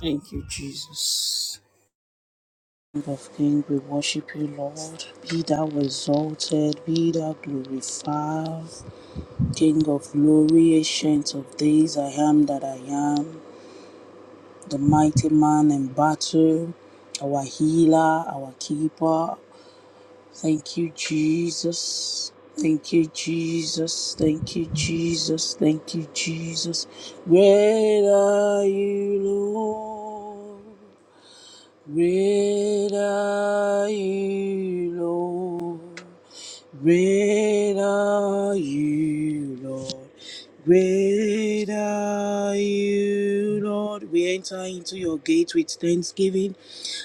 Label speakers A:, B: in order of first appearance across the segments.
A: Thank you, Jesus. King of King, we worship you, Lord. Be thou exalted, be thou glorified. King of glory, ancient of days, I am that I am. The mighty man in battle, our healer, our keeper. Thank you, Jesus. Thank you, Jesus. Thank you, Jesus. Thank you, Jesus. Great are you, Lord. Great are you, Lord. Great are you, Lord. Great are you, Lord. We enter into your gate with thanksgiving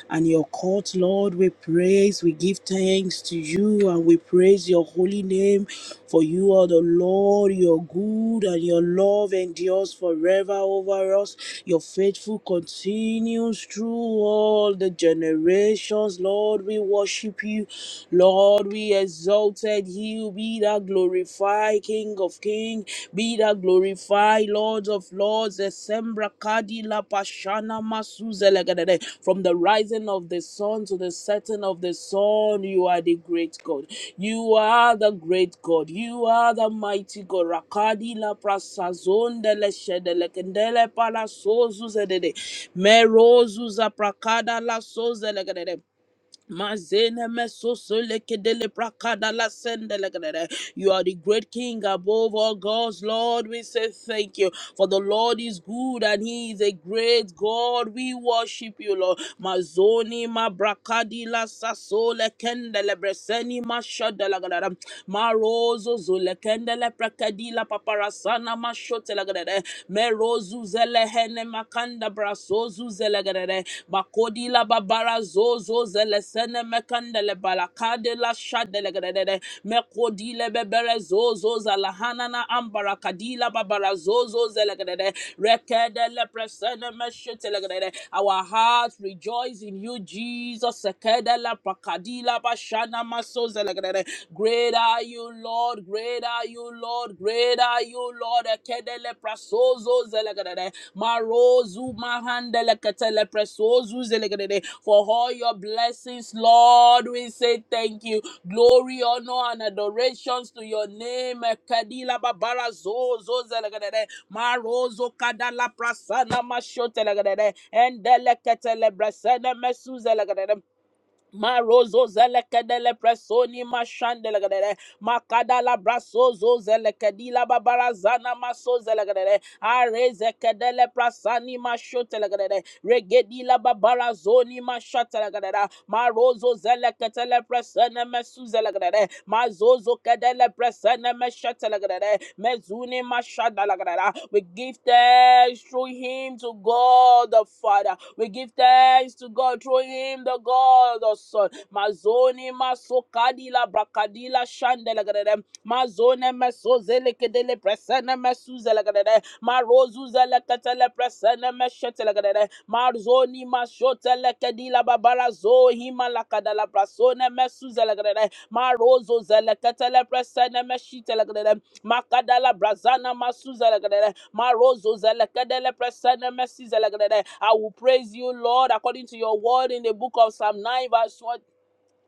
A: and your court, Lord. We praise, we give thanks to you, and we praise your holy name. For you are the Lord, you're good, and your love endures forever over us. Your faithful continues through all the generations, Lord. We worship you, Lord. We exalted you, be thou glorified, King of Kings. Be thou glorified, Lord of Lords, Esembra Kadi La Pashana Masuzelegadede. From the rising of the sun to the setting of the sun, you are the great God. You are the great God. You are the mighty God. Rakadi La Prasazondele Shedelekendele Palasozuzedede. Merozuza Prakada La Sozelegadede. Mazene meso sole kedele prakada la sende you are the great King above all gods, Lord. We say thank you. For the Lord is good and He is a great God. We worship you, Lord. Mazoni, Mabrakadi, La Sasole, Kendele, Breseni, Mashadala, Gadada, Marozo, Zole, Kendele, Prakadi, La Paparasana, Mashotela, Gadada, Merozu, Zele, Hene, Makanda, Brasozu, Zele, Gadada, Makodi, La Babara, Zozo, Zele, Sene, Mekandele, Balakade, La Shadele, Gadada, mekodile bebere zozo zalahanana ambarakadila babara zozo zelegadede rekedele presene meshitelegadede our hearts rejoice in you Jesus sekedele prakadila bashana maso zelegadede great are you Lord great are you Lord great are you Lord ekedele prasozo zelegadede marozu mahandele ketele presozu zelegadede for all your blessings Lord we say thank you Glory, honor, and adorations to your name. Kadila babara zo zo zelegadede. Marozo kadala prasana mashote legadede. Endele ketele brasene mesu zelegadede. Marozo zelekedele presoni mashandelegedere. Makadala brasozo zelekedila babarazana maso zelegedere. Arezekedele prasani mashotelegedere. Regedila babarazoni mashatelegedere. Marozo zeleketele presene mesu zelegedere. Mazozo kedele presene meshetelegedere. Mezuni mashadalegedere. We give thanks through him to God the Father. We give thanks to God through him, the God, the Son. Mazoni masokadila brakadila shandelagadem. Mazone mesozelekedele presene mesuzelegadem. Marozuzelekedele presene meshetelegadem. Marzoni mashotelekedila babara zohi malakadala prasone mesuzelegadem. Marozo zeleketele presene meshitelegadem. Makadala brazana masuzelegadem. Marozo zelekedele presene mesi zelekedede. I will praise you, Lord, according to your word in the book of Psalm 9, verse 1.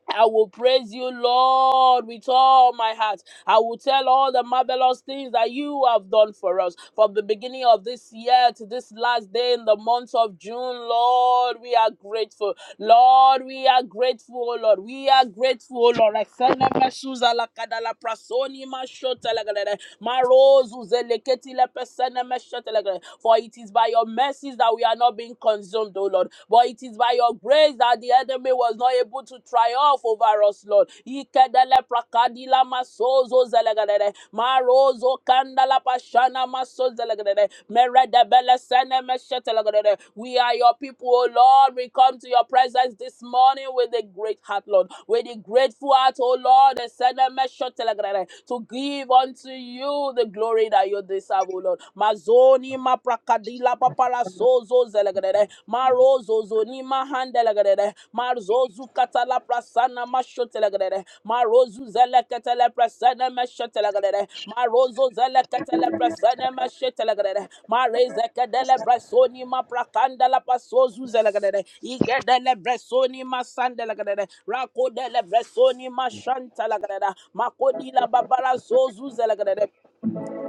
A: I will praise you, Lord, with all my heart. I will tell all the marvelous things that you have done for us from the beginning of this year to this last day in the month of June. Lord, we are grateful. Lord, we are grateful, oh Lord. We are grateful, oh Lord. Excellent Mesuza la kadala prasoni ma shota la gadada. Ma rose uzeleketi le pesene me shota la gadada. For it is by your mercies that we are not being consumed, O Lord. But it is by your grace that the enemy was not not able to triumph over us, Lord. Ikedele prakadila masozo zelegadede. Marozo kandala pashana maso zelegadede. Meredebele sene meshetelegadede. We are your people, O Lord. We come to your presence this morning with a great heart, Lord. With a grateful heart, O Lord. and send a message to give unto you the glory that you deserve, O Lord. Mazoni ma maprakadila sozo zelegrede marozo zoni mahandelegrede marzozu katala prasana mashotelegrede marozu zeleketele presene meshotelegrede marozo zeleketele presene meshotelegrede marezekedele bresoni maprakandela pasozu zelegrede igedele bresoni masandelegrede rakodele bresoni mashantelegrede makodila babara zozu zelegrede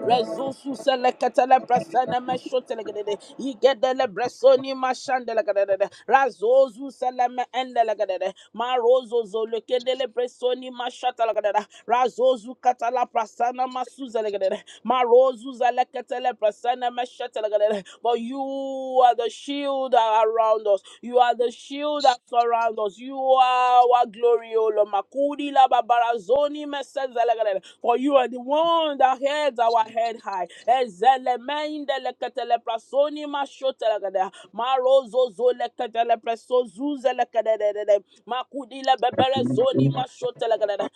A: Rezusu selekatele presene meshotele gedede. Igedele bresoni mashandele gedede. Razozu seleme endele gedede. Marozo zolekedele bresoni mashatele gedede. Razozu katala prasana masuzele gedede. Marozu zeleketele presene meshetele gedede. But you are the shield around us. You are the shield that surrounds Lord. You are our glory, O Lord. Makudi la babarazoni mesezelegele. For you are the one that heads our head high. Ezele meindele prasoni mashotelegele. Marozo zole Makudi la bebere zoni mashotelegele.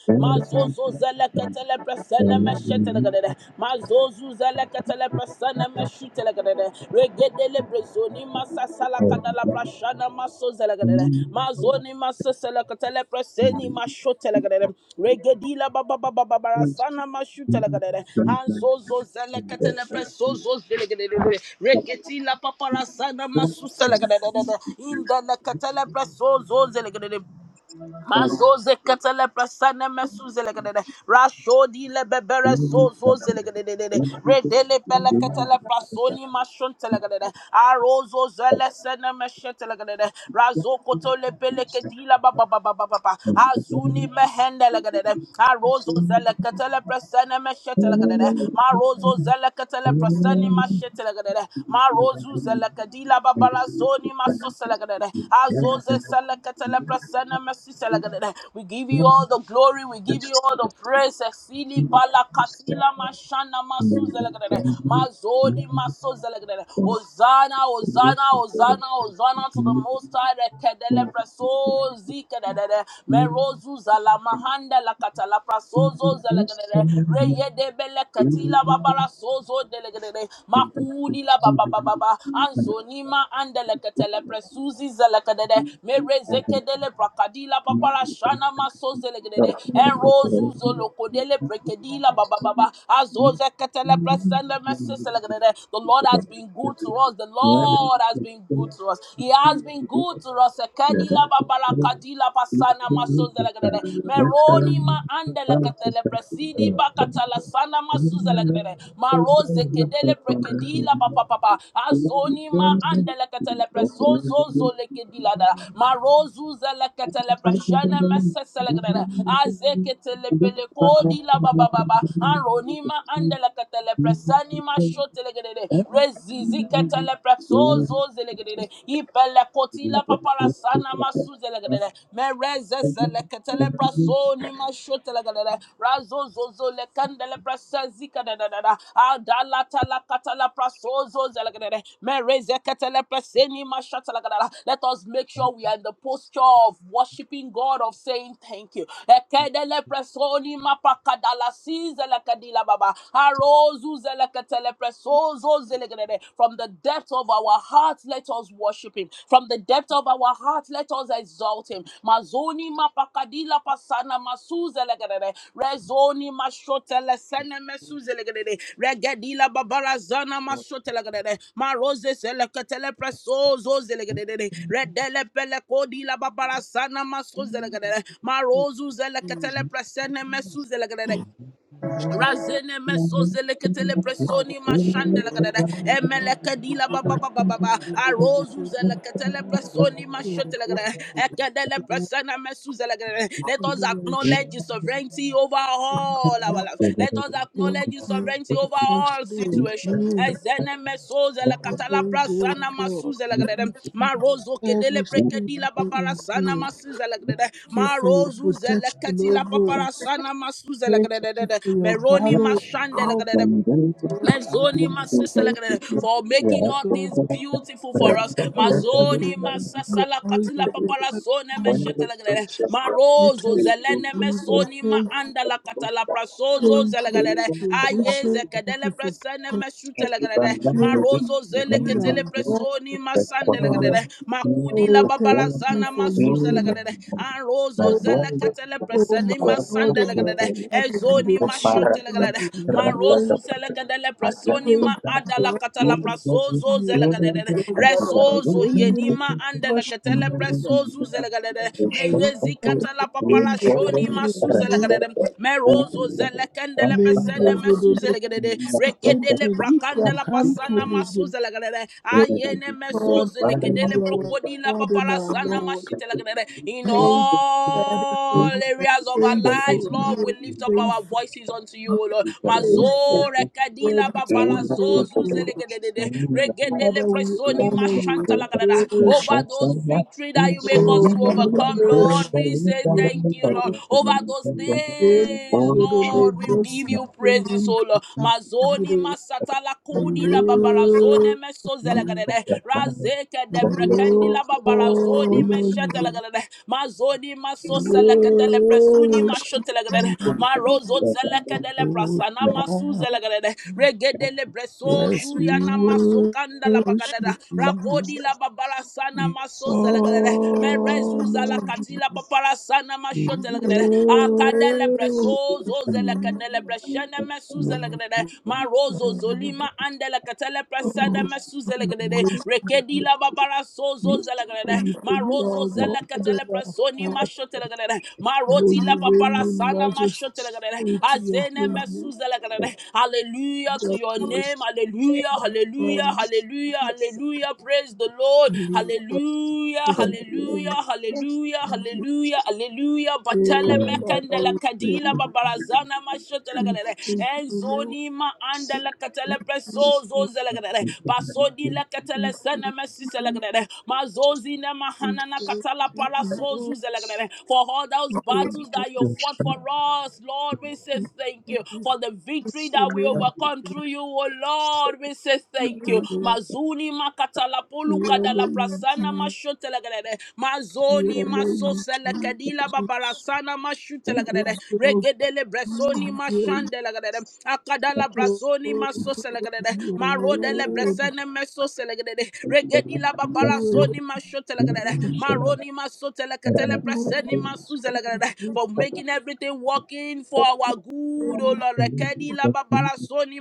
A: presene meshetelegele. Relekatele prasana meshutelegadede. Regedele brezoni masa salakadala prashana maso zelegadede. Mazoni maso selekatele praseni mashotelegadede. Regedila baba baba barasana mashutelegadede. Hanzozo zelekatele presozo zelegadede. Reketila paparasana masuselegadede. Indalekatele presozo zelegadede. Mazoze katele prasane mesuzele kadede. Rashodi le bebere sozoze le kadede. Redele pele katele prasoni mashontele kadede. Arozo zele sene meshetele kadede. Razo koto le pele kedila ba ba ba ba ba ba ba. Azuni mehende le kadede. Arozo zele katele prasane meshetele kadede. Marozo zele katele prasani mashetele kadede. Marozu zele kadila Barazoni maso selegadede. Azoze seleketele presene mesi selegadede. We give you all the glory. We give you all the praise. Exili pala katila mashana masu zelegadede. Mazoni maso zelegadede. Hosanna, Hosanna, Hosanna, Hosanna to the Most High. Rekedele preso zikedede. Merozu zala mahanda la lakatala prasozo zelegadede. Reyede bele katila sozo delegede makudi la baba baba baba anzonima andeleketele presuzi zelekede merezekedele prakadi la papara shana maso zelegede enrozu zolokodele prekedi la baba baba azoze ketele presele meseselegede the Lord has been good to us the Lord has been good to us he has been good to us ekedi la babara kadi la pasana maso zelegede Meroni Konima andele katele presidi bakatala sana masuza legere. Maroze kedele prekedila papa papa. Azoni ma andele katele preso zo zo lekedila da. Marozu zele katele preshene mesese legere. Azeketele pele kodila baba baba. Anroni ma andele katele presani ma shote legere. Rezizi ketele preso zo zelegere. Ipele kotila papa papara sana masuze legedede. Mereze zeleketele praso ni mashote legedede. Razo zozo lekandele prese zika dededede. Adala tala katala praso zoze legedede. Mereze ketele prese ni mashote legedede. Let us make sure we are in the posture of worshiping God, of saying thank you. Ekedele preso ni mapakadala si zelekadila baba. Arozu zeleketele preso from the depth of our heart, let us worship him. From the depth of our heart, let us exalt him. Mazoni mapakadila pasana masuzelegedede. Rezoni mashotele sene mesuzelegedede. Regedila babarazana mashotelegedede. Maroze seleketele preso zozelegedede. Redele pelekodila babarasana masozelegedede.
B: It
A: Marozu
B: is
A: zeleketele presene mesuzelegedede.
B: it is
A: Razene meso zeleketele
B: part of
A: presoni mashande
B: the
A: lagadada
B: world. It
A: emelekadila
B: is
A: baba baba baba
B: it
A: arozu
B: is
A: zeleketele presoni
B: it is in
A: mashote lagadada
B: this
A: ekedele presana mesu zeleketele. Let us
B: configuration.
A: acknowledge the sovereignty over all our life. Let us
B: Thank
A: acknowledge acknowledge his
B: you
A: sovereignty over
B: Across
A: all
B: the
A: situation.
B: view
A: Ezene meso la katala
B: every day, of
A: prasana masu
B: God.
A: zele gredem.
B: Thank you
A: Marozo kedele
B: every single
A: prekedi la
B: day
A: babara
B: in
A: sana
B: you.
A: masu zele gredem.
B: Thank you for your
A: Marozu zele
B: protection
A: keti la
B: over
A: papara
B: us.
A: sana masu zele
B: Thank you
A: gredem.
B: for your
A: Meroni
B: banner.
A: mashande la
B: Oh,
A: gede.
B: God.
A: Mazoni
B: Thank
A: masasalagada,
B: you
A: for making
B: for
A: all
B: God.
A: things beautiful
B: Oh,
A: for us.
B: thank you
A: Mazoni
B: for your
A: masasala
B: eyes
A: katila
B: of
A: papara sone
B: protection.
A: meshetelagada.
B: Let
A: Marozo
B: us
A: zelene
B: forgive
A: mesoni ma andala katala prasozo
B: and thank you, thank you for
A: zelagada. Aye
B: provision, thank
A: zekedele
B: you for
A: presene
B: protection,
A: meshutelagada.
B: thank you
A: Marozo
B: for
A: zele
B: being
A: ketele
B: our God
A: presoni
B: and Father.
A: masandelagada. Makudi la
B: Oh, thank
A: babara
B: you
A: zana
B: for looking at
A: masuzelagada. Anrozo
B: us.
A: zele ketele
B: Oh,
A: presene
B: my God and my
A: masandelagada.
B: Father,
A: Ezoni
B: bless your holy
A: mashotelagada. Marozu
B: name.
A: dele
B: We
A: presonima
B: worship you,
A: adala
B: God, for
A: katala prasozo
B: you
A: zelegadede
B: are Lord God of our
A: resozo
B: only
A: yenima andele
B: compassion
A: ketele
B: that we are.
A: presozu zelegadede
B: Maria,
A: meyezi
B: thank
A: katala
B: you,
A: papara
B: thank you,
A: shoni
B: thank
A: masu zelegadede merozo zelekendele pesene mesu
B: Mendozodone
A: zelegadede
B: Sitente
A: rekedele
B: Lipra
A: brakandela pasana
B: Cantuli
A: masu zelegadede
B: Thank
A: ayene meso
B: God for
A: zelekedele
B: you our
A: prokodila
B: God and
A: papara
B: our
A: sana
B: Lord.
A: mashitelegadede in
B: Thank God for
A: all
B: you are
A: areas of our lives,
B: faithful, you
A: Lord, we
B: are
A: lift up our
B: faithful,
A: voices unto you, O Lord.
B: faithful,
A: Mazore dila
B: worthy to
A: babala
B: be praised.
A: zozu
B: O God.
A: zelekedede regedele
B: Father, we
A: presoni
B: honor you,
A: mashanta lagadada.
B: worship,
A: over those victory that you make
B: oh,
A: us to overcome, Lord.
B: worship,
A: We say
B: yes,
A: thank you, Lord.
B: oh,
A: Over those
B: Thank
A: things,
B: you, God, only
A: Lord, we
B: blessed
A: give you praises,
B: to you
A: O Lord. Mazoni
B: today.
A: masata la
B: We
A: kudi la babarazone
B: worship
A: meso
B: you.
A: zelegadede razeke de brekendi
B: Oh,
A: la babarazoni
B: Lord,
A: meshete lagadede mazoni maso
B: we
A: selekete presuni
B: worship
A: mashote
B: you,
A: lagadede marozo zeleke de prasana masu zelegadede Bre, Regedele Breso,
B: Yes, we
A: Zuyana Masokanda la
B: worship you.
A: Bagadada, Rakodi la Babara Sana
B: We
A: Maso Zalagadere, Merezu
B: honor
A: Zalakati la Babara Sana
B: you. We
A: Mashotelagadere, Akadele Breso,
B: worship you,
A: Zozelakadele Breshana
B: O
A: Mesu Zalagadere, Marozo
B: God.
A: Zolima Andela Katele
B: Oh,
A: Presana
B: yes,
A: Mesu
B: we
A: Zalagadere,
B: honor
A: Rekedi la Babara Sozo
B: you
A: Zalagadere,
B: for you
A: Marozo
B: are God and
A: Zelakatele
B: our
A: Presoni
B: Father.
A: Mashotelagadere,
B: Oh,
A: Maroti
B: you
A: la
B: reign
A: Papara
B: in
A: Sana
B: majesty
A: Mashotelagadere,
B: to your
A: Azene
B: holy
A: Mesu Zalagadere, Hallelujah to
B: that
A: your
B: was
A: name. Hallelujah. Hallelujah.
B: formed
A: Hallelujah. Hallelujah. Praise the Lord.
B: in the
A: Hallelujah.
B: precision
A: Hallelujah. Hallelujah.
B: and the
A: Hallelujah. Hallelujah. Batele
B: air for
A: mekendele
B: all
A: kadila
B: things.
A: babarazana mashotele
B: We
A: galele.
B: thank you, Lord.
A: Enzoni ma andele
B: We
A: katele preso
B: thank
A: zozele galele. Pasodi le
B: you. We
A: katele sene mesisele galele. Mazozi ne
B: thank
A: mahanana
B: you,
A: katala para
B: Lord.
A: sozu zele galele. For all those battles that you fought for us, Lord, we say thank you for the victory that we overcome through you, oh Lord. We say thank you. Mazuni
B: In the name
A: makatalapoluka da la prasana mashotelagade.
B: of Jesus, we
A: Mazoni
B: honor you,
A: masosele kedila
B: Jesus.
A: babarasana
B: We honor you, Jesus. We
A: mashutelagade.
B: exalt you
A: Regedele bresoni
B: and praise.
A: mashandelagade. Akadala
B: Oh,
A: brazoni
B: for your
A: masoselagade. Marodele
B: word,
A: bresene mesoselagade. Regedila babarasoni mashotelagade. Maroni masotelekatele
B: word,
A: preseni masuzelagade.
B: word.
A: For making everything working for our good,
B: word.
A: oh Lord. Rekedi la babara parasoni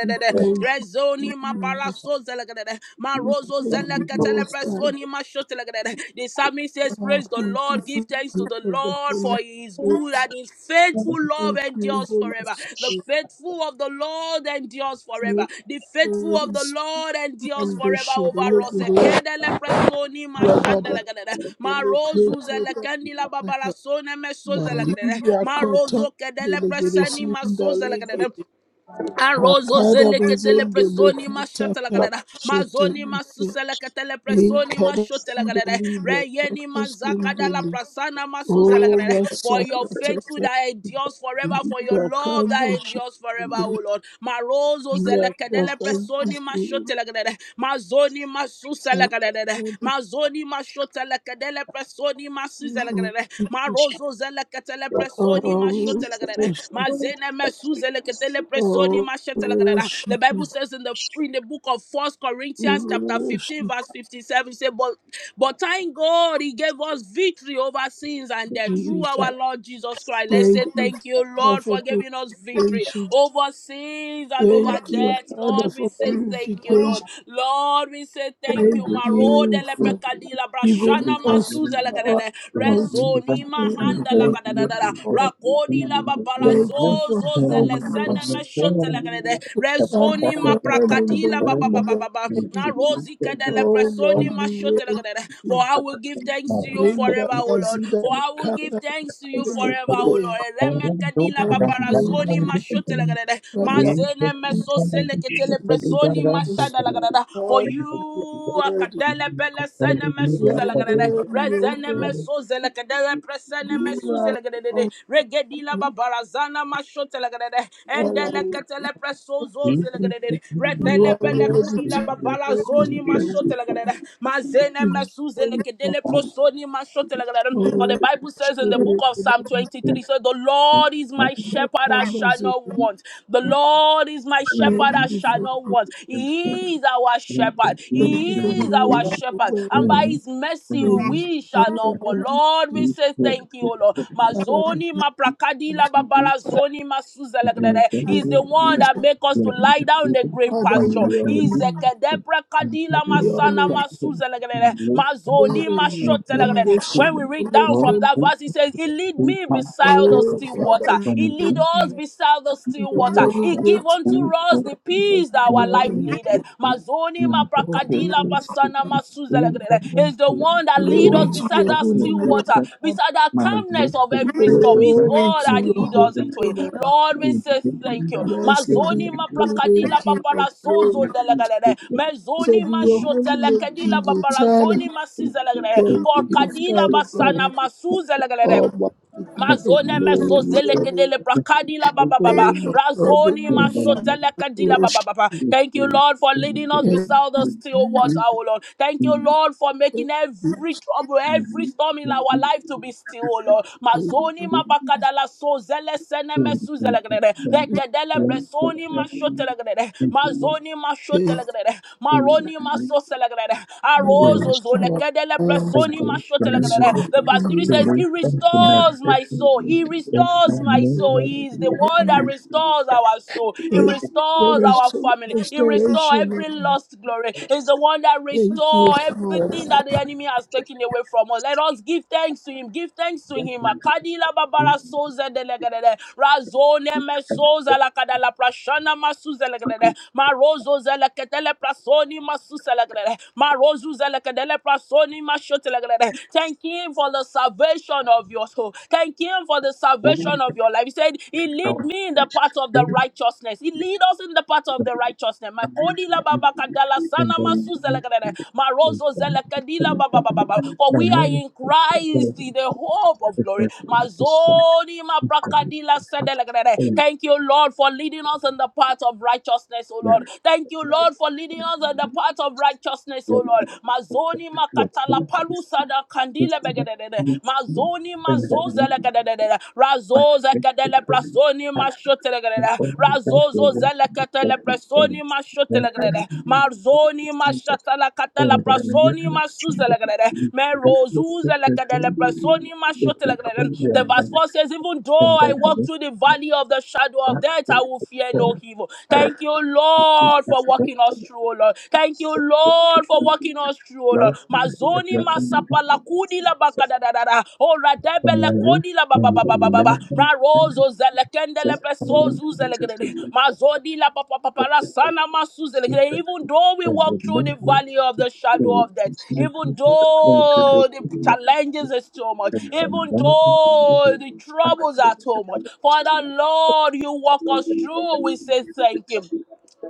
B: We thank you,
A: rezoni
B: Jesus.
A: maparaso zelegadede
B: We
A: marozo
B: thank you,
A: zelekatele
B: Most High
A: presoni mashotelegadede the psalmist says
B: God.
A: praise the
B: Thank you
A: lord give
B: for
A: thanks
B: the
A: to
B: gift
A: the
B: of the
A: lord
B: Holy
A: for he is good
B: Spirit.
A: and his faithful love
B: Thank you,
A: endures
B: Holy
A: forever the
B: Spirit.
A: faithful of the Lord endures forever.
B: Thank
A: The faithful
B: you,
A: of
B: Holy
A: the
B: Spirit.
A: Lord endures
B: And the
A: forever
B: shadow
A: over
B: of the
A: us.
B: Lord,
A: Ekedele presoni
B: the Father,
A: mashandele gedede.
B: the
A: Marozu
B: Delegate,
A: zele
B: it at
A: kendila
B: the
A: babala
B: Father.
A: sone meso zele gedede.
B: Malibra kata
A: Marozo kedele
B: delegate
A: preseni maso
B: sinda
A: zele
B: lege
A: Arozo
B: bakada
A: zeleketele
B: bazende
A: presoni
B: lekata
A: mashatalagadada. Mazoni
B: shetelite
A: masuseleketele presoni
B: inkada
A: mashotelagadada.
B: libra
A: Reyeni mazakadala
B: kakusindele
A: prasana
B: Oh,
A: masuzelagadada. For your faithful
B: Masakatata,
A: that endures forever, for your love
B: Bakanda,
A: that endures forever,
B: Shigiri,
A: O Lord. Marozo zeleketele
B: Yakatan,
A: presoni
B: Shigiri,
A: mashotelagadada. Mazoni masuselagadada. Mazoni mashotelagadele presoni masuzelagadada. Marozo zeleketele presoni
B: Oh, worship, oh,
A: the
B: worship,
A: Bible
B: you,
A: says in the in the book of First Corinthians chapter 15
B: worship
A: verse 57 say but but thank God he gave us victory over sins and death through
B: Jesus.
A: our Lord Jesus Christ. Let's
B: Thank
A: say
B: you,
A: thank you
B: Father,
A: Lord
B: for
A: for giving us victory
B: purification.
A: over sins and over
B: Thank you,
A: death.
B: Father,
A: Lord, we
B: for
A: say thank you
B: purification.
A: Lord. Lord, we say thank you.
B: Thank
A: Marode
B: you for
A: lepekadila
B: giving
A: brashana
B: us
A: masuze
B: our
A: legadele
B: sin.
A: rezoni mahanda la
B: Thank
A: ga da da
B: you,
A: da
B: Lord.
A: rakodi la babara
B: Thank you for
A: zozo zele
B: helping
A: sene
B: us
A: me shote la ga da
B: stand
A: rezoni ma
B: firm in
A: prakadi la
B: the
A: ba ba
B: in
A: ba ba
B: your
A: ba ba
B: way.
A: na rozi kada la
B: Oh Lord,
A: presoni ma
B: we
A: shote la ga
B: will
A: da for
B: you.
A: I will give thanks to you
B: Linda
A: forever O Lord
B: Gazida
A: for I will give
B: Kata
A: thanks to you forever O
B: Telegrey.
A: Lord reme kadi la
B: Oh, we
A: babara
B: thank
A: zoni ma
B: you.
A: shote la ga da da
B: Mama,
A: mazene me
B: my
A: so sele ketele
B: you
A: presoni ma
B: this
A: shada la ga da for
B: God and you are
A: you
B: worthy.
A: kadele pele sene
B: You
A: mesuze
B: are
A: legedede
B: worthy, O
A: rezene
B: God.
A: mesuze legedede presene
B: We
A: mesuze
B: are
A: legedede
B: on
A: regedila babarazana mashote legedede endele
B: Father.
A: ketele presozoze legedede
B: You
A: retele
B: are
A: pele
B: worthy
A: kudila
B: to praise
A: babarazoni
B: you.
A: mashote legedede mazene
B: To
A: mesuze
B: praise you.
A: legedele prosoni mashote legedede for the
B: Oh,
A: Bible says in the book of Psalm
B: Spirit,
A: 23 so the Lord is my
B: Have
A: shepherd I shall
B: mercy,
A: not want the
B: Lord.
A: Lord is my shepherd
B: Thank
A: I
B: you
A: shall
B: for
A: not personal ones. He is our shepherd.
B: thank
A: He
B: you for
A: is
B: being
A: our
B: our
A: shepherd. And
B: way.
A: by his mercy,
B: Thank you
A: we shall
B: for being
A: not
B: our
A: want. Lord,
B: refuge.
A: we say thank you, O Lord.
B: Father, we
A: Mazoni, Maprakadi, Lababara, Zoni, Masuzelegrede. He is the one
B: praise
A: that
B: you.
A: make us to lie down in the green
B: Father,
A: pasture.
B: we
A: He's
B: honor
A: Zekedeprakadila,
B: you. We
A: Masana,
B: honor you.
A: Masuzelegrede.
B: We
A: Mazoni,
B: honor you. And
A: Mashotelegrede.
B: those who
A: When we read down
B: honor
A: from that verse, he says, He lead me beside the
B: Oh,
A: still water.
B: Father,
A: He
B: we thank
A: lead us
B: you.
A: beside beside the still
B: Your
A: water.
B: many
A: He gave
B: gifts.
A: unto us the
B: of
A: peace that
B: We
A: our life
B: honor
A: needed. Mazoni
B: Oh,
A: maprakadila
B: glory to
A: pasana masuzelegrele. He's the one that leads
B: glory
A: us
B: to
A: beside
B: your
A: that
B: holy
A: still water,
B: name.
A: beside the calmness of every storm. It's
B: Glory
A: God
B: to
A: that
B: your
A: leads
B: holy
A: us into it.
B: name.
A: Lord, we say thank you.
B: Blessed
A: Mazoni
B: be your holy name,
A: maprakadila
B: King of
A: papara sozo
B: glory.
A: delegrele.
B: So
A: Mezoni
B: be your holy name, King
A: mashotelekedila babara
B: eternal.
A: zoni masizelegrele.
B: Thank
A: For
B: you,
A: kadila
B: Father
A: basana
B: God,
A: masuzelegrele.
B: Almighty King of
A: Mazone
B: glory.
A: meso
B: We honor you.
A: zelekedele prakadila
B: Oh
A: bababa.
B: my God, and
A: Razoni
B: my Father, we
A: mashotelekadila
B: worship
A: bababa. Thank you, Lord, for leading us
B: you.
A: beside the
B: We
A: still
B: thank
A: water, O Lord. Thank you, Lord, for making
B: you.
A: every trouble, every storm in our life to be still, O Lord. Mazoni mabakadala so zele sene mesu zelekedele.
B: We
A: Rekedele bresoni mashotelekedele. Mazoni mashotelekedele. Maroni maso selekedele. Arozo
B: thank you.
A: zolekedele
B: Our hearts
A: presoni
B: is full of
A: mashotelekedele verse 3
B: praise.
A: says, He
B: We
A: restores my soul. He restores
B: Thank you
A: my
B: for
A: soul. He is the one that
B: the
A: restores our soul. He
B: thank you for
A: restores our
B: restor-
A: family. He restores
B: restoration.
A: every
B: Lord.
A: lost glory. He's the one that
B: Thank you,
A: restores everything
B: Father.
A: that the enemy has taken away from us. Let us give thanks to Him. Give thanks to Him. Akadila babara soze delegedede. Razone me soza lakadala prashana masuze legedede. Marozo zeleketele prasoni masuse legedede. Marozu zeleketele prasoni Thank him for the salvation of your soul. Thank him for the salvation of your life. He said, He lead me in the path of the righteousness. He lead us in the path of the righteousness. My kodila baba kadala sana masu zelekelele. My rozo zelekadila baba baba baba. For we are in Christ, in the hope of glory. My zodi ma brakadila sedelekelele. Thank you, Lord, for leading us in the path of righteousness, O Lord. Thank you, Lord, for leading us in the path of righteousness oh Lord. Mazoni makatala palusa da kandile begedede. Mazoni mazozele gedede. Razoze kedele prasoni mashotele gedede. Razozo zele ketele prasoni mashotele gedede. Marzoni mashatala katala prasoni masuzele gedede. Merozuzele kedele prasoni mashotele gedede. The verse 4 says, even though I walk through the valley of the shadow of death, I will fear no evil. Thank you, Lord, for walking us through, oh Lord. Thank you, Lord, for walking us through, oh Lord. Mazoni masapala kudi la bakadadadada. Oh, radebele kodi la ba ba ba ba ba ba ba. Ma rozo zelekende le pesozu zelegede. Mazodi la pa pa pa pa la sana masu zelegede. Even though we walk through the valley of the shadow of death, even though the challenges is too much, even though the troubles are too much, Father Lord, you walk us through. We say thank you.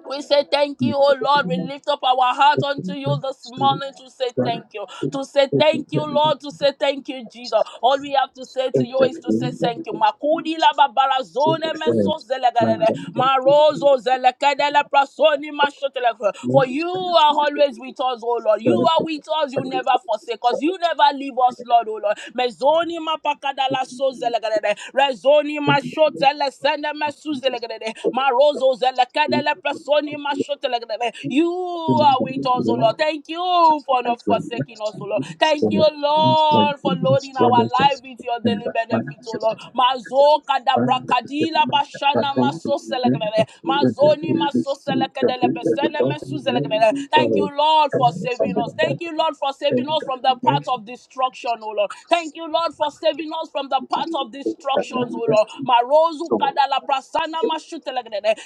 A: We say thank you, oh Lord. We lift up our heart unto you this morning to say thank you. To say thank you, Lord. To say thank you, Jesus. All we have to say to you is to say thank you. Makudi la babara zone meso zelegadele. Marozo zelekadele prasoni mashotele. For you are always with us, oh Lord. You are with us. You never forsake us. You never leave us, Lord, oh Lord. Mezoni mapakadala so zelegadele. Rezoni mashotele sende mesu zelegadele marozo zelekadele presoni mashotelegedele. You are with us, O Lord. Thank you for not forsaking us, O Lord. Thank you, Lord, for loading our life with your daily benefits, O Lord. Mazo kadabrakadila bashana maso selekadele. Mazoni maso selekadele pesene mesu selekadele. Thank you, Lord, for saving us. Thank you, Lord, for saving us from the path of destruction, O Lord. Thank you, Lord, for saving us from the path of destructions, O Lord. Marozu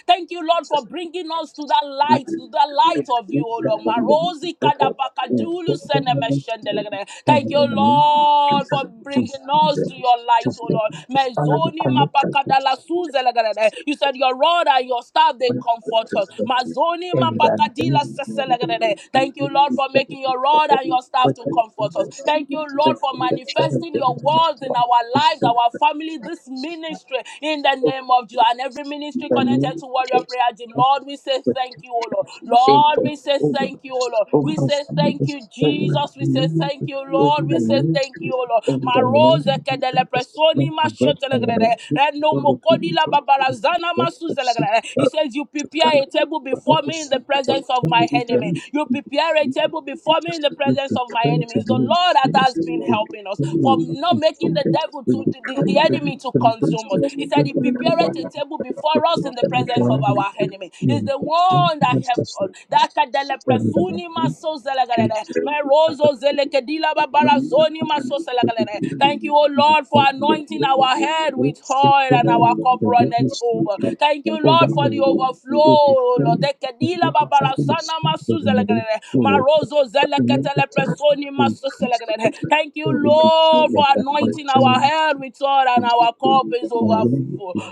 A: Thank you, Lord, for bringing us to that light, to that light of you, O Lord. Marosi kadabakadulu senemeshendelegede. Thank you, Lord, for bringing us to your light, O Lord. Mezoni mapakadala suzelegede. You said your rod and your staff, they comfort us. Mazoni mapakadila seselegerere. Thank you, Lord, for making your rod and your staff to comfort us. Thank you, Lord, for manifesting your words in our lives, our family this ministry in the name of Jesus and every ministry connected to Warrior Prayer Gym. Lord, we say thank you, O Lord. Lord, we say thank you, O Lord. We say thank you, Jesus. We say thank you, Lord. We say thank you, O Lord. Maroze kedele presoni mashotelegede. Reno mokodila babarazana masuzelegede. He says, You prepare a table before me in the presence of my enemy. You prepare a table before me in the presence of my enemies. The Lord that has been helping us from not making the devil devil to the, the, the enemy to consume us. He said he prepareth a table before us in the presence of our enemy. He's the one that helped us. Dakadele presuni maso zelegalene. Merozo zelekedila babara zoni maso zelegalene. Thank you, O Lord, for anointing our head with oil and our cup runneth over. Thank you, Lord, for the overflow. O Lord, Ekedila babara sana maso zelegalene. Marozo zeleketele presoni maso zelegalene. Thank you, Lord. Lord, for anointing our head with oil and our cup is overflow.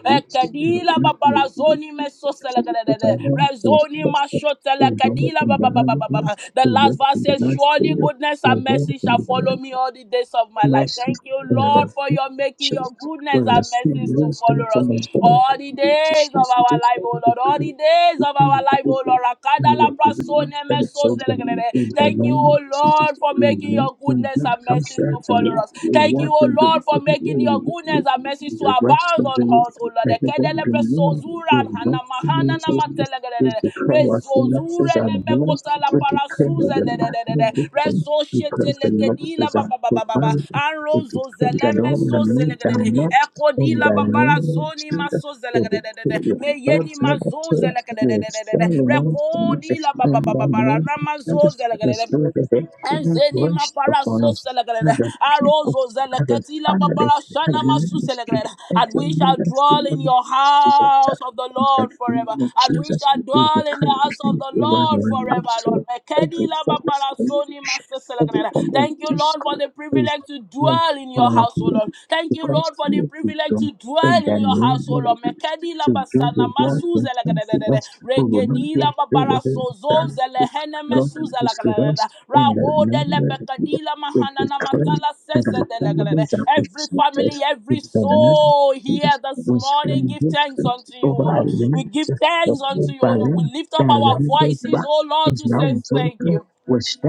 A: Ekadila babara zoni meso selegadede. Rezoni mashotele kadila babababababa. The last verse says, Surely goodness and mercy shall follow me all the days of my life. Thank you, Lord, for your making your goodness and mercies to follow us all the days of our life, oh Lord. All the days of our life, oh Lord. Akadala prasone meso selegadede. Thank you, oh Lord, for making your your goodness and mercies to follow us. Thank you, O Lord, for making your goodness and mercies to abound on us, O Lord. Ekedelepe sozura hanamahana namatelegelele. Rezozure nemekota la parasuze dedededede. Resoshetelekedila ba- ba- ba- ba- ba- ba. Anrozozeleme sozelegedede. Ekodila babara soni masozelegedededede. Meyeni mazozelegedededede. la ba- ba- ba- ba- ba- ra- namazozelegedede. Enzeni mapara so celegrada. Arozo zeleketila mapara shana masu celegrada. And we shall dwell in your house of the Lord forever. And we shall dwell in the house of the Lord forever, Lord. Mekedila mapara soni masu celegrada. Thank you, Lord, for the privilege to dwell in your house, O Lord. Thank you, Lord, for the privilege to dwell in your house house, O Lord. Mekedi la basana masu zele gadadadada. Regedi la babara sozo zele hene mesu zele gadadadada. Rawo de le pekadi la mahana na makala seze dele gadadada. Every family, every soul here this morning, give thanks unto you, O Lord. We give thanks unto you, O Lord. We lift up our voices, O Lord, to say thank you.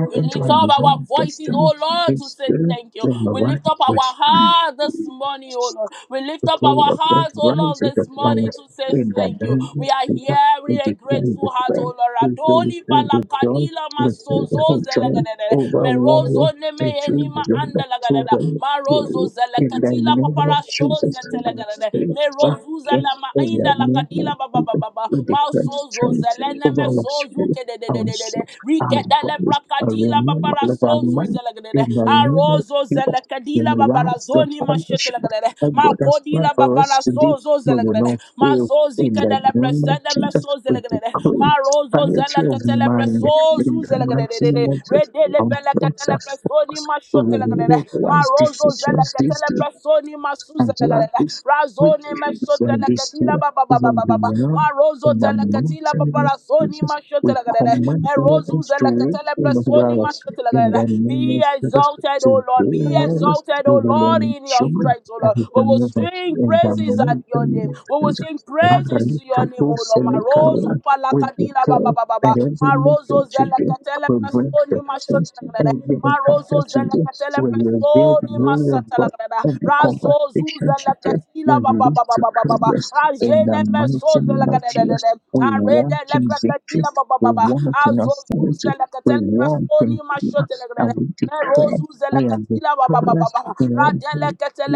A: We lift up our voices, oh Lord, to say thank you. We lift up our heart this morning, oh Lord. We lift up our hearts, oh Lord, this morning to say thank you. We are hearing a grateful heart, oh Lord. Adoni palakadila masozo zelegadede. Merozo neme enima andalagadada. Marozo zelekatila papara shozetelegadede kuza la mainda la kadila baba baba baba mausozo zelene mesozu kededededede rikedele prakadila babara sozu zelegedede arozo zelekadila babara zoni mashetelegedede makodila babara sozo zelegedede mazozi kedele presede meso zelegedede marozo zeleketele presozu zelegedede redele belekatele presoni mashotelekatele marozo zelekatele presoni masuzelekatele razoni meshotelekatila babababababa marozo telekatila paparasoni mashotelekatele merozu zelekatele presoni mashotelekatele be exalted O Lord be exalted O Lord in your strength O Lord we will sing praises at your name we will sing praises to your name, O Lord. Marozu palakadila baba baba baba. Marozo zelekatele presoni mashotelagre. Marozo zelekatele presoni masatelagre. Razo zu zelekatila baba baba baba baba. Rajene meso zelekadede. Arede leprekatila baba baba. Azo zu zelekatele presoni mashotelagre. Merozu zelekatila wa ba ba ba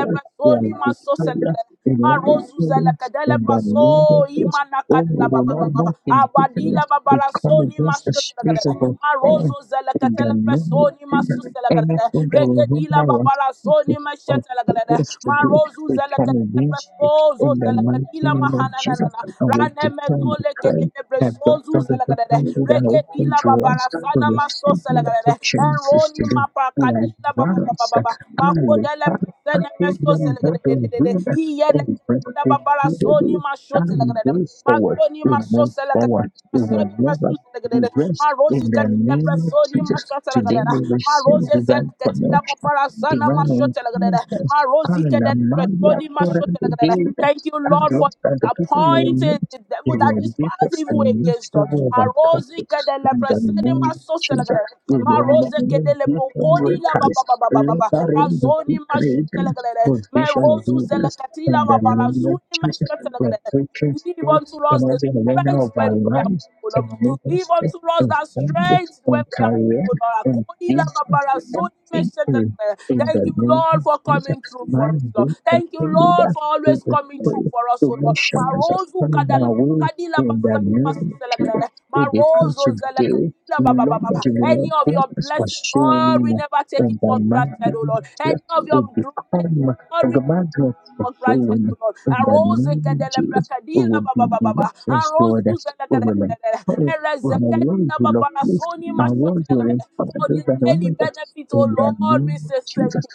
A: presoni maso selekere. Marozu zelekadele paso imana kadala ba ba ba ba ba. Abadila ba bara soni maso selekere. Marozo zelekatele presoni maso selekere. Regedila ba bara soni maso selekere. Marozu zelekatele presozo zelekadila mahananana. Rane metole kedele presozu zelekere. Regedila ba bara sana maso selekere. Enroli mapa kadila baba baba baba. Makodele presene mesto zelegedede. Iyele kadila babara soni mashote legedede. Mazoni masose legedede. Presene mesto zelegedede. Ma rosi katele presoni mashote legedede. Ma rose zele katila babara sana mashote legedede. Marozite de Bresoni Mashote de la Thank you, Lord, for disappointing the devil that despises evil against us. Marozike de la Bresoni Masose de la Gadada. Marozike de la Bokodi la ba ba ba ba ba ba ba. Razoni Mashote de la Gadada. Merozu zelekatila wa barazuni Mashote de la Gadada. Give unto us the strength when we are weak. O Lord. You give unto us that strength when we are weak, O Lord. Thank you, Lord, for coming through for us, Lord. Thank you, Lord, for always coming through for us, O Lord. Marozu kadala kadila basana masiselegelele. Marozo zelekadila Any of your blessings, Lord, we never take it for granted, oh Lord. Any of your mercies, Lord, we never were granted, O Lord. Arose kedele prakadila ba ba ba Arose uzele kedele. Ereze kedila ba ba mashote kedele. For the daily benefit, O Lord, we say thank you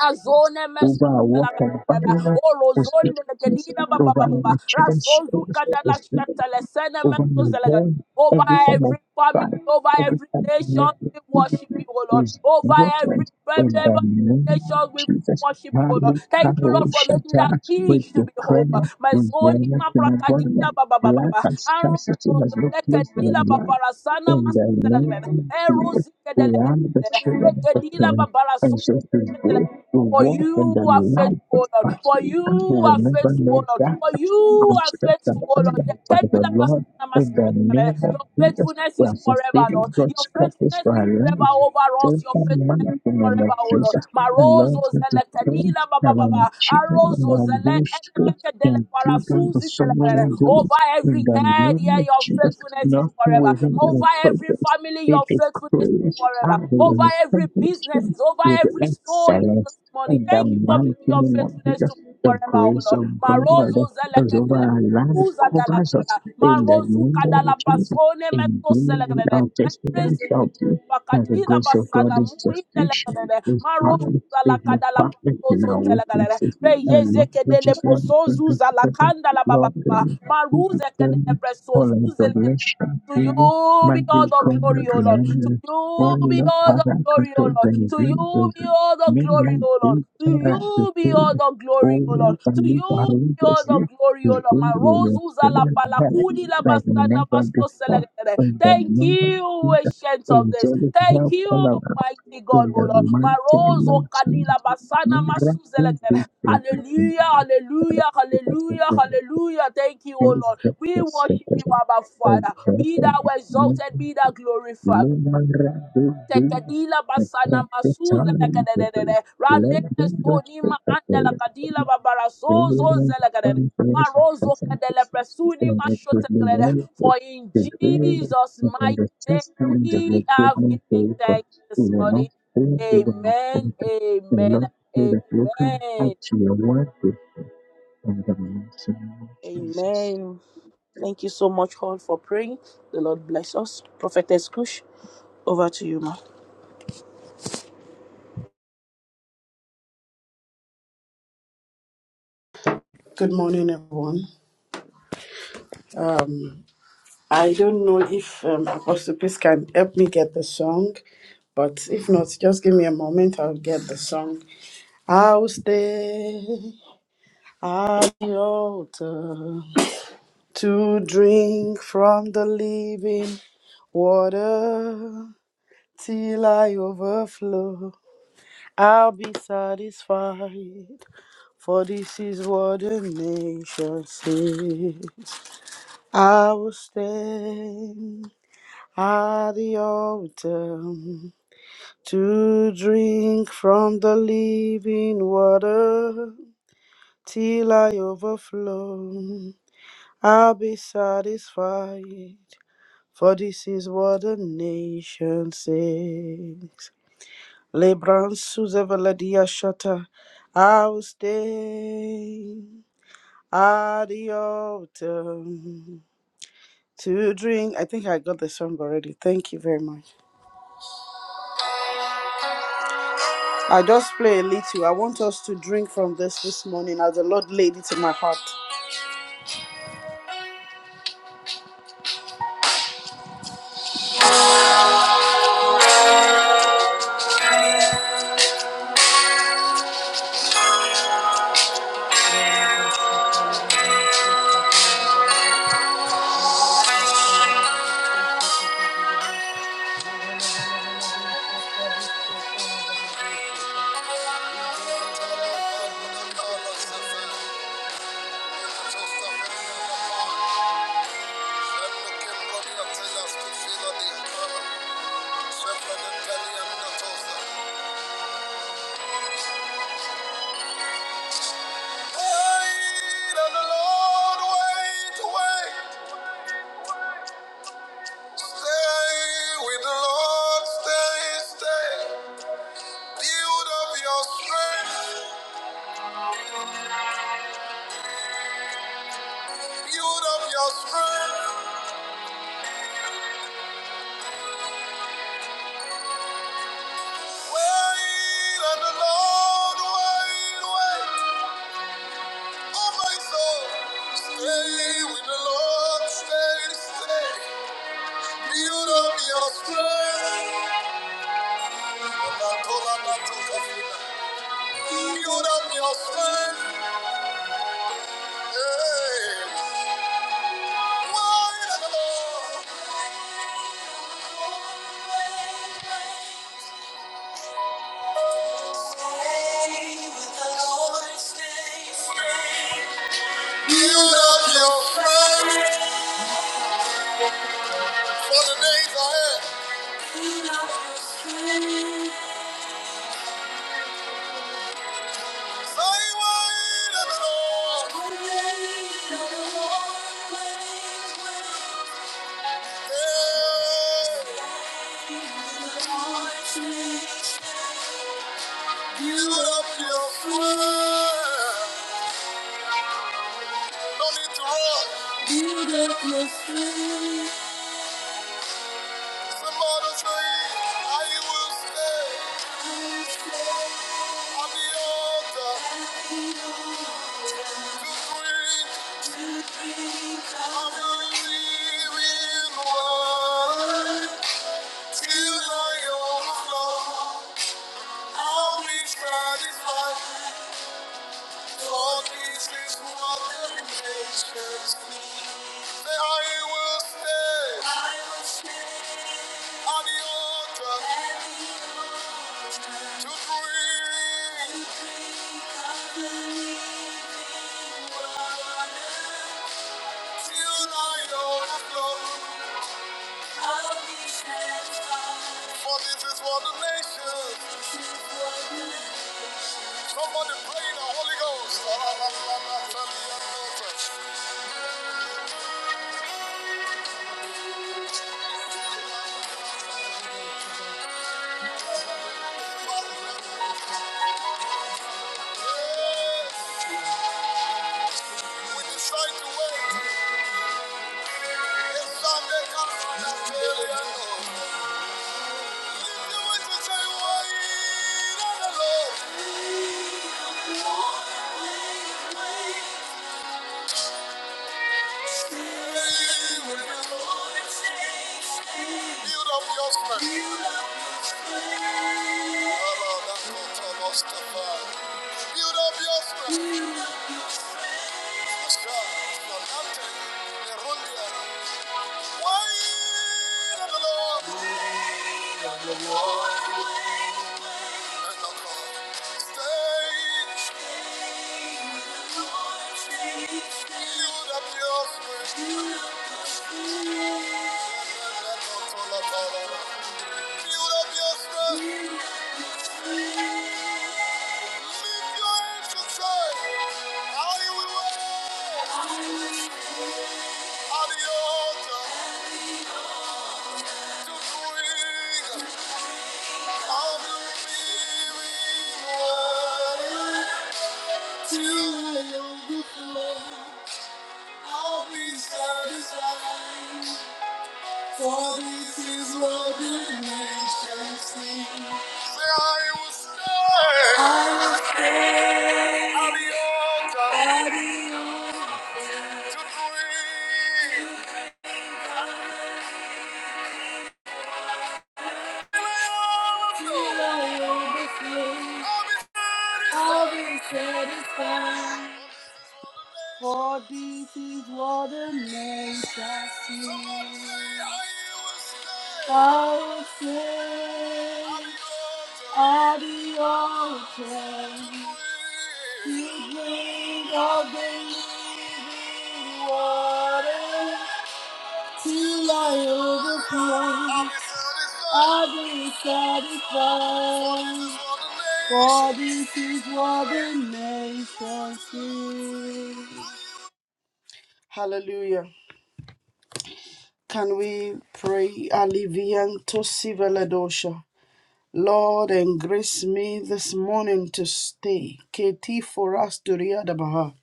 A: azone mesukala orozonde kedina baba baba rasozu kadala shatale sene mesuzela over every family, over every nation, we worship you, O Lord. Over every family, over every nation, we worship you, O Lord. Thank you, Lord, for making that speech to be hope. My zoni, ma prakadina, ba ba ba ba ba. Anro, lekadila, ba parasana, masutela, erozikedelekadela, lekadila, ba barasona. For you are faithful, Lord. For you are faithful, Lord. For you are faithful, Lord. Yeah, tell me that, Pastor Namasi, eh, Your faithfulness is forever, Lord. Your faithfulness is forever over us. Your faithfulness forever, O Lord. Marozo zele kedila ba ba ba ba. Arozo zele enemeke dele parasuzi tele pele. Over every head, yeah, your faithfulness is forever. Over every family, your faithfulness is forever. Over every business, is over every soul here this morning. Thank you for making your faithfulness to be forever, O Lord. Marozo zele ketele Uza dalagadada. Marozu kadala pasone meto selegrede. Bakadina basana muinde Marozuza lakada la pasozo telekelele. Reyeze kedele posozuza lakanda la baba baba. Maruze kedele presozuze lekelele. To you be all the glory, O Lord. To you be all the glory, O Lord. To you be all the glory, O Lord. To you be all the glory, O Lord. To you all the glory, all of my rose, uza palakudi la bastana basto selegere. Thank you, ancient of this. Thank you, mighty God, O Lord. My rose, o kadila basana masu selegere. Hallelujah, hallelujah, hallelujah, hallelujah. Thank you, O Lord. We worship you, Abba Father. Be thou exalted, be thou glorified tekadila basana masuze lekadedede ranene sonima ande lekadila babara sozo zelekadede marozo kadele presuni mashotelekadede for in Jesus mighty name we have given thanks this morning amen amen amen amen thank you so much all for praying the Lord bless us prophetess Kush over to you ma
C: Good morning, everyone. Um, I don't know if um, Apostle Peace can help me get the song, but if not, just give me a moment, I'll get the song. I'll stay at the altar to drink from the living water till I overflow. I'll be satisfied, for this is what the nation says. I will stand at the altar to drink from the living water till I overflow. I'll be satisfied, for this is what the nation says. Lebron Suzeveladia Shata, I will stand at the altar to drink. I think I got the song already. Thank you very much. I just play a little. I want us to drink from this this morning as the Lord laid it in my heart. Wait on the Lord, wait, wait. Stay with the Lord, stay, stay. Build up your strength, build up your strength. Wait on the Lord, wait, wait. Oh my soul, stay with the Lord, stay, stay. Build up your strength. Build up your strength. Hey. Build up your strength for the days ahead. Build up your strength. Say, wait a minute. Yeah. Build up your strength. No need to run. Build up your strength. Somebody say, I will stay at the altar to drink To bring till I overflow. I'll be satisfied. What it is for the nation? Somebody playing the Holy Ghost. Yes, We decide to wait. We stand there. Why? Build up your strength. Why? Till I overflow, I'll be satisfied. For this is what the nations sing. Say, I will stand. I will stand. At the altar. At the altar. To bring To bring. Till I overflow, I'll be satisfied. For this is what the name shall see. I will say, at the altar, you drink of the living water. Till I overcome, I've been satisfied. Hallelujah. Can we pray Alivianto Siveladosha? Lord, and grace me this morning to stay. KT for us to Riadabaha.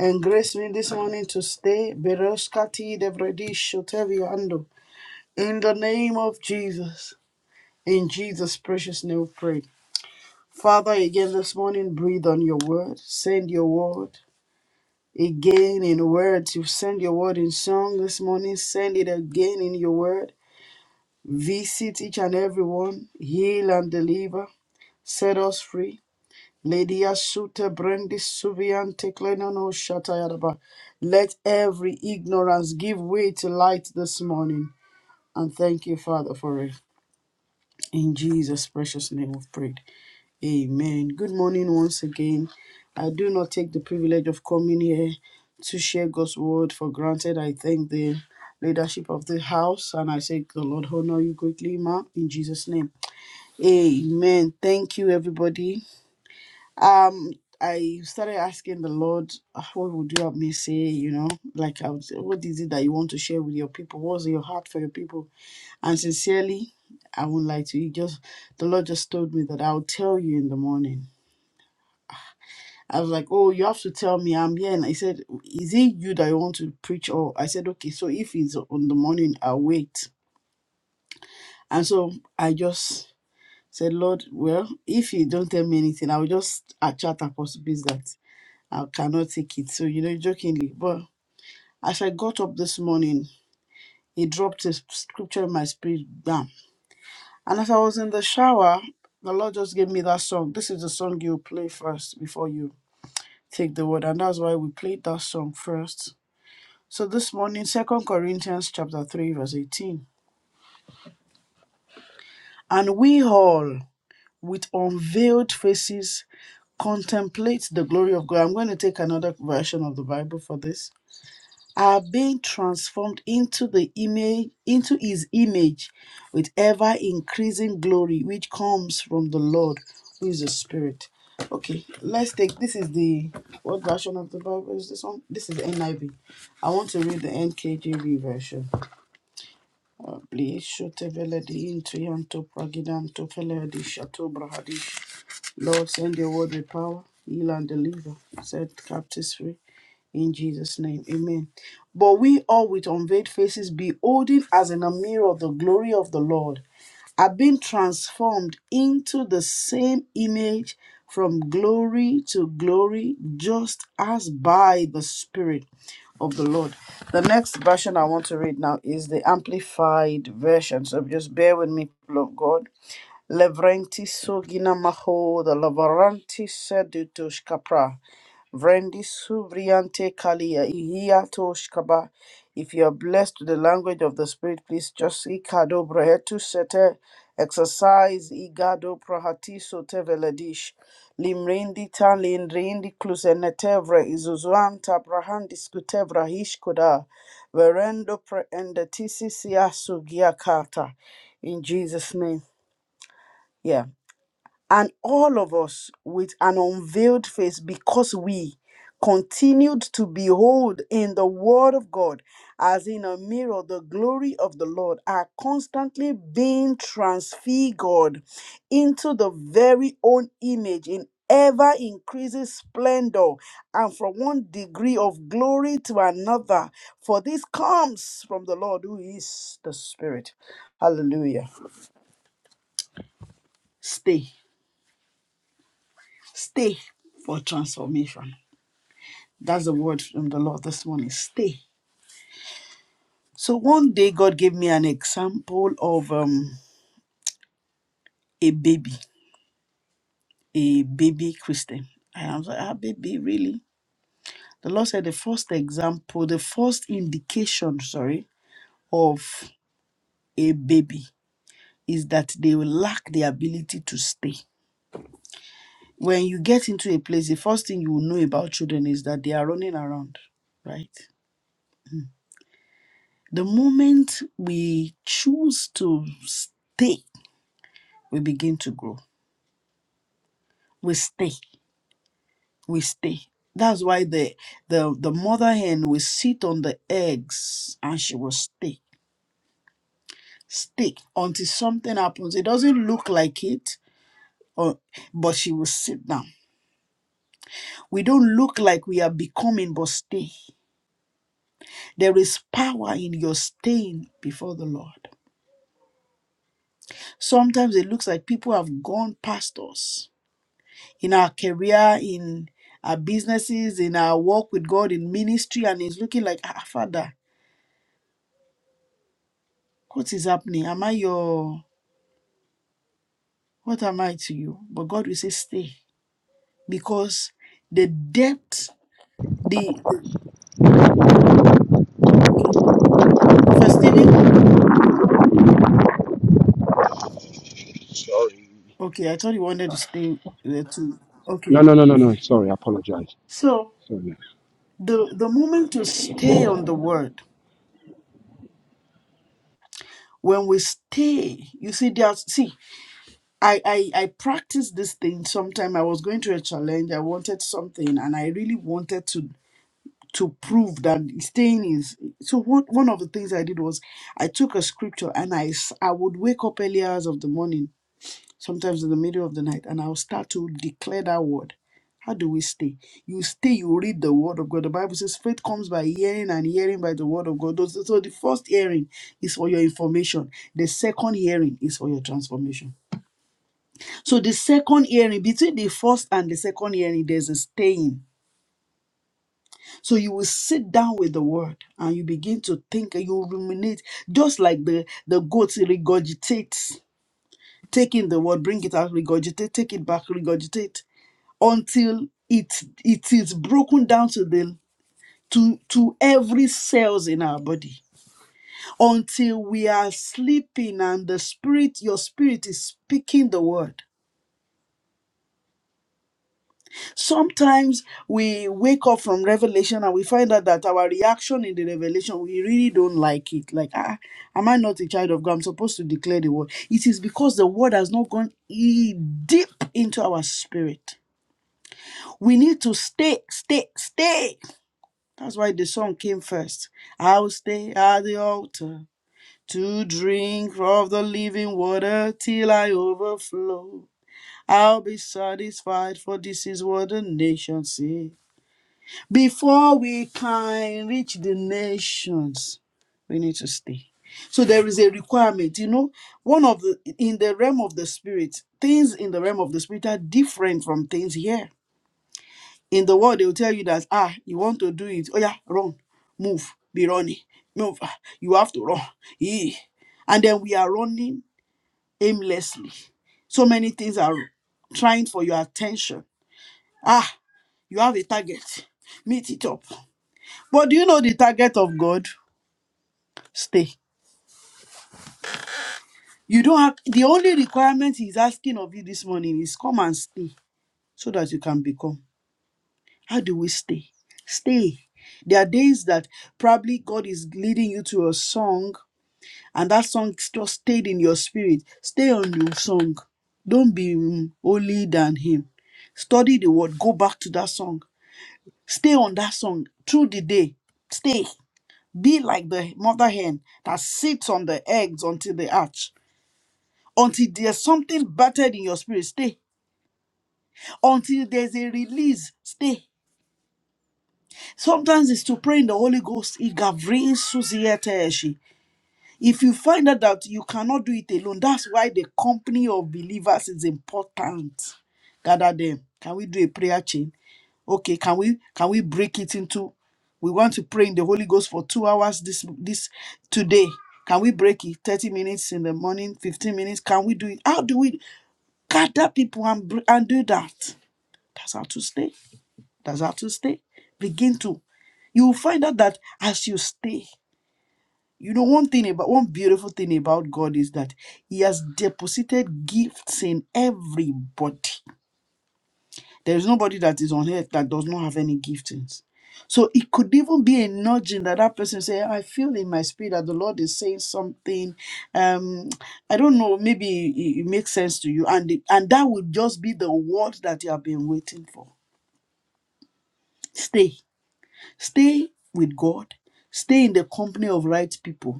C: And grace me this morning to stay. Beroskati Devredi Shoteviando. In the name of Jesus. In Jesus' precious name we pray. Father, again this morning, breathe on your word. Send your word again in words. You send your word in song this morning. Send it again in your word. Visit each and every one. Heal and deliver. Set us free. Lydia Suter Brandis Suviante Clenano Shatayadaba. Let every ignorance give way to light this morning. And thank you, Father, for it. In Jesus' precious name we pray. Amen. Good morning once again. I do not take the privilege of coming here to share God's word for granted. I thank the leadership of the house and I say, the Lord honor you greatly, ma, in Jesus' name. Amen. Thank you, everybody. Um, I started asking the Lord, "Ah, what would you have me say? You know, like, I would say, what is it that you want to share with your people? What's in your heart for your people? And sincerely, I won't lie to you. Just the Lord just told me that I'll tell you in the morning I was like, "Oh, you have to tell me I'm here." And I said, "Is it you that you want to preach?" Or I said, "Okay, so if it's on the morning, I'll wait." And so I just said, "Lord, well, if you don't tell me anything, I will just chat Apostle Biz that I cannot take it." So you know, jokingly, but as I got up this morning, he dropped a scripture in my spirit, bam. And as I was in the shower, the Lord just gave me that song. This is the song you play first before you take the word, and that's why we played that song first So this morning, Second Corinthians chapter 3, verse 18. And we all with unveiled faces contemplate the glory of God. I'm going to take another version of the Bible for this. Are being transformed into the image, into his image with ever increasing glory, which comes from the Lord, who is the Spirit. Okay, let's take this is the what version of the Bible is this one? This is NIV. I V. I want to read the NKJV version. Blessed veledi into yanto pragidanto feledi shato brahadish. Lord, send your word with power, heal and deliver, set captives free. In Jesus' name, amen. But we all with unveiled faces, beholding as in a mirror the glory of the Lord, are being transformed into the same image from glory to glory, just as by the Spirit of the Lord. The next version I want to read now is the Amplified Version. So just bear with me, people of God. Levrenti sugina maho the lavaranti sedutush capra. Vrendi suvriante kalia ihia tosh kaba. If you are blessed with the language of the Spirit, please just ikado brehetu sete exercise igado prahati sote veledish. Limrindi tan lindrindi clusenetevre izuzuanta prahandis kutevra hishkoda. Verendo preendetisi siasu giakata. In Jesus' name. Yeah and all of us with an unveiled face because we continued to behold in the word of god as in a mirror the glory of the lord are constantly being transfigured into the very own image in ever increasing splendor and from one degree of glory to another for this comes from the lord who is the spirit hallelujah stay Stay for transformation. That's the word from the Lord this morning. Stay. So one day God gave me an example of um, a baby, a baby Christian. And I was like, ah, baby, really? The Lord said the first example, the first indication, sorry, of a baby is that they will lack the ability to stay. When you get into a place, the first thing you will know about children is that they are running around, right? The moment we choose to stay, we begin to grow. We stay, we stay. That's why the the, the mother hen will sit on the eggs and she will stay, stay until something happens. It doesn't look like it, or, but she will sit down. We don't look like we are becoming, but stay. There is power in your staying before the Lord. Sometimes it looks like people have gone past us in our career, in our businesses, in our work with God, in ministry, and it's looking like, ah, Father, what is happening? Am I your, what am I to you? But God will say, stay. Because the depth, the, okay. Prophet Stephen,
D: Sorry.
C: okay, I thought you wanted to stay there too.
D: No,
C: Okay,
D: no, no, no, no.
C: okay.
D: Sorry, I apologize.
C: So
D: Sorry, mate.
C: the the moment to stay on the word, when we stay, you see, there's see I, I I practiced this thing sometime. I was going to a challenge. I wanted something, and I really wanted to to prove that staying is. So what? one of the things I did was I took a scripture and I s- I would wake up early hours of the morning, sometimes in the middle of the night, and I'll start to declare that word. How do we stay? You stay. You read the word of God. The Bible says faith comes by hearing, and hearing by the word of God. Those- So the first hearing is for your information. The second hearing is for your transformation so the second hearing, between the first and the second hearing, there's a staying. So you will sit down with the word and you begin to think and you ruminate, just like the, the goat regurgitates, taking the word, bring it out, regurgitate, take it back, regurgitate, until it it is broken down to the to to every cells in our body until we are sleeping and the spirit your spirit is speaking the word Sometimes we wake up from revelation and we find out that our reaction in the revelation, we really don't like it. Like, ah, am I not a child of God? I'm supposed to declare the word. It is because the word has not gone e- deep into our spirit. We need to stay, stay, stay. That's why the song came first. I'll stay at the altar to drink of the living water till I overflow. I'll be satisfied, for this is what the nation says. Before we can reach the nations, we need to stay. So there is a requirement, you know, one of the in the realm of the spirit, things in the realm of the spirit are different from things here. In the world, they will tell you that ah, you want to do it. Oh yeah, run, move, be running, move. ah, You have to run. Eh. And then we are running aimlessly. So many things are trying for your attention. Ah, you have a target. Meet it up. But do you know the target of God? Stay. You don't have the only requirement he's asking of you this morning is come and stay so that you can become. How do we stay? Stay. There are days that probably God is leading you to a song, and that song just stayed in your spirit. Stay on your song. Don't be mm, holy than him. Study the word. Go back to that song. Stay on that song through the day. Stay. Be like the mother hen that sits on the eggs until they hatch. Until there's something battered in your spirit, stay. Until there's a release, stay. Sometimes it's to pray in the Holy Ghost. Igavri susiete eshi. If you find out that you cannot do it alone, that's why the company of believers is important. Gather them. Can we do a prayer chain? Okay, can we can we break it into we want to pray in the Holy Ghost for two hours this this today. Can we break it? 30 minutes in the morning, 15 minutes. Can we do it? How do we gather people and, br- and do that? That's how to stay. That's how to stay. Begin to. You will find out that as you stay, you know, one thing about one beautiful thing about God is that He has deposited gifts in everybody. There is nobody that is on earth that does not have any giftings. So it could even be a nudging that that person say, "I feel in my spirit that the Lord is saying something. Um, I don't know. Maybe it, it makes sense to you, and it- and that would just be the word that you have been waiting for. Stay, stay with God. Stay in the company of right people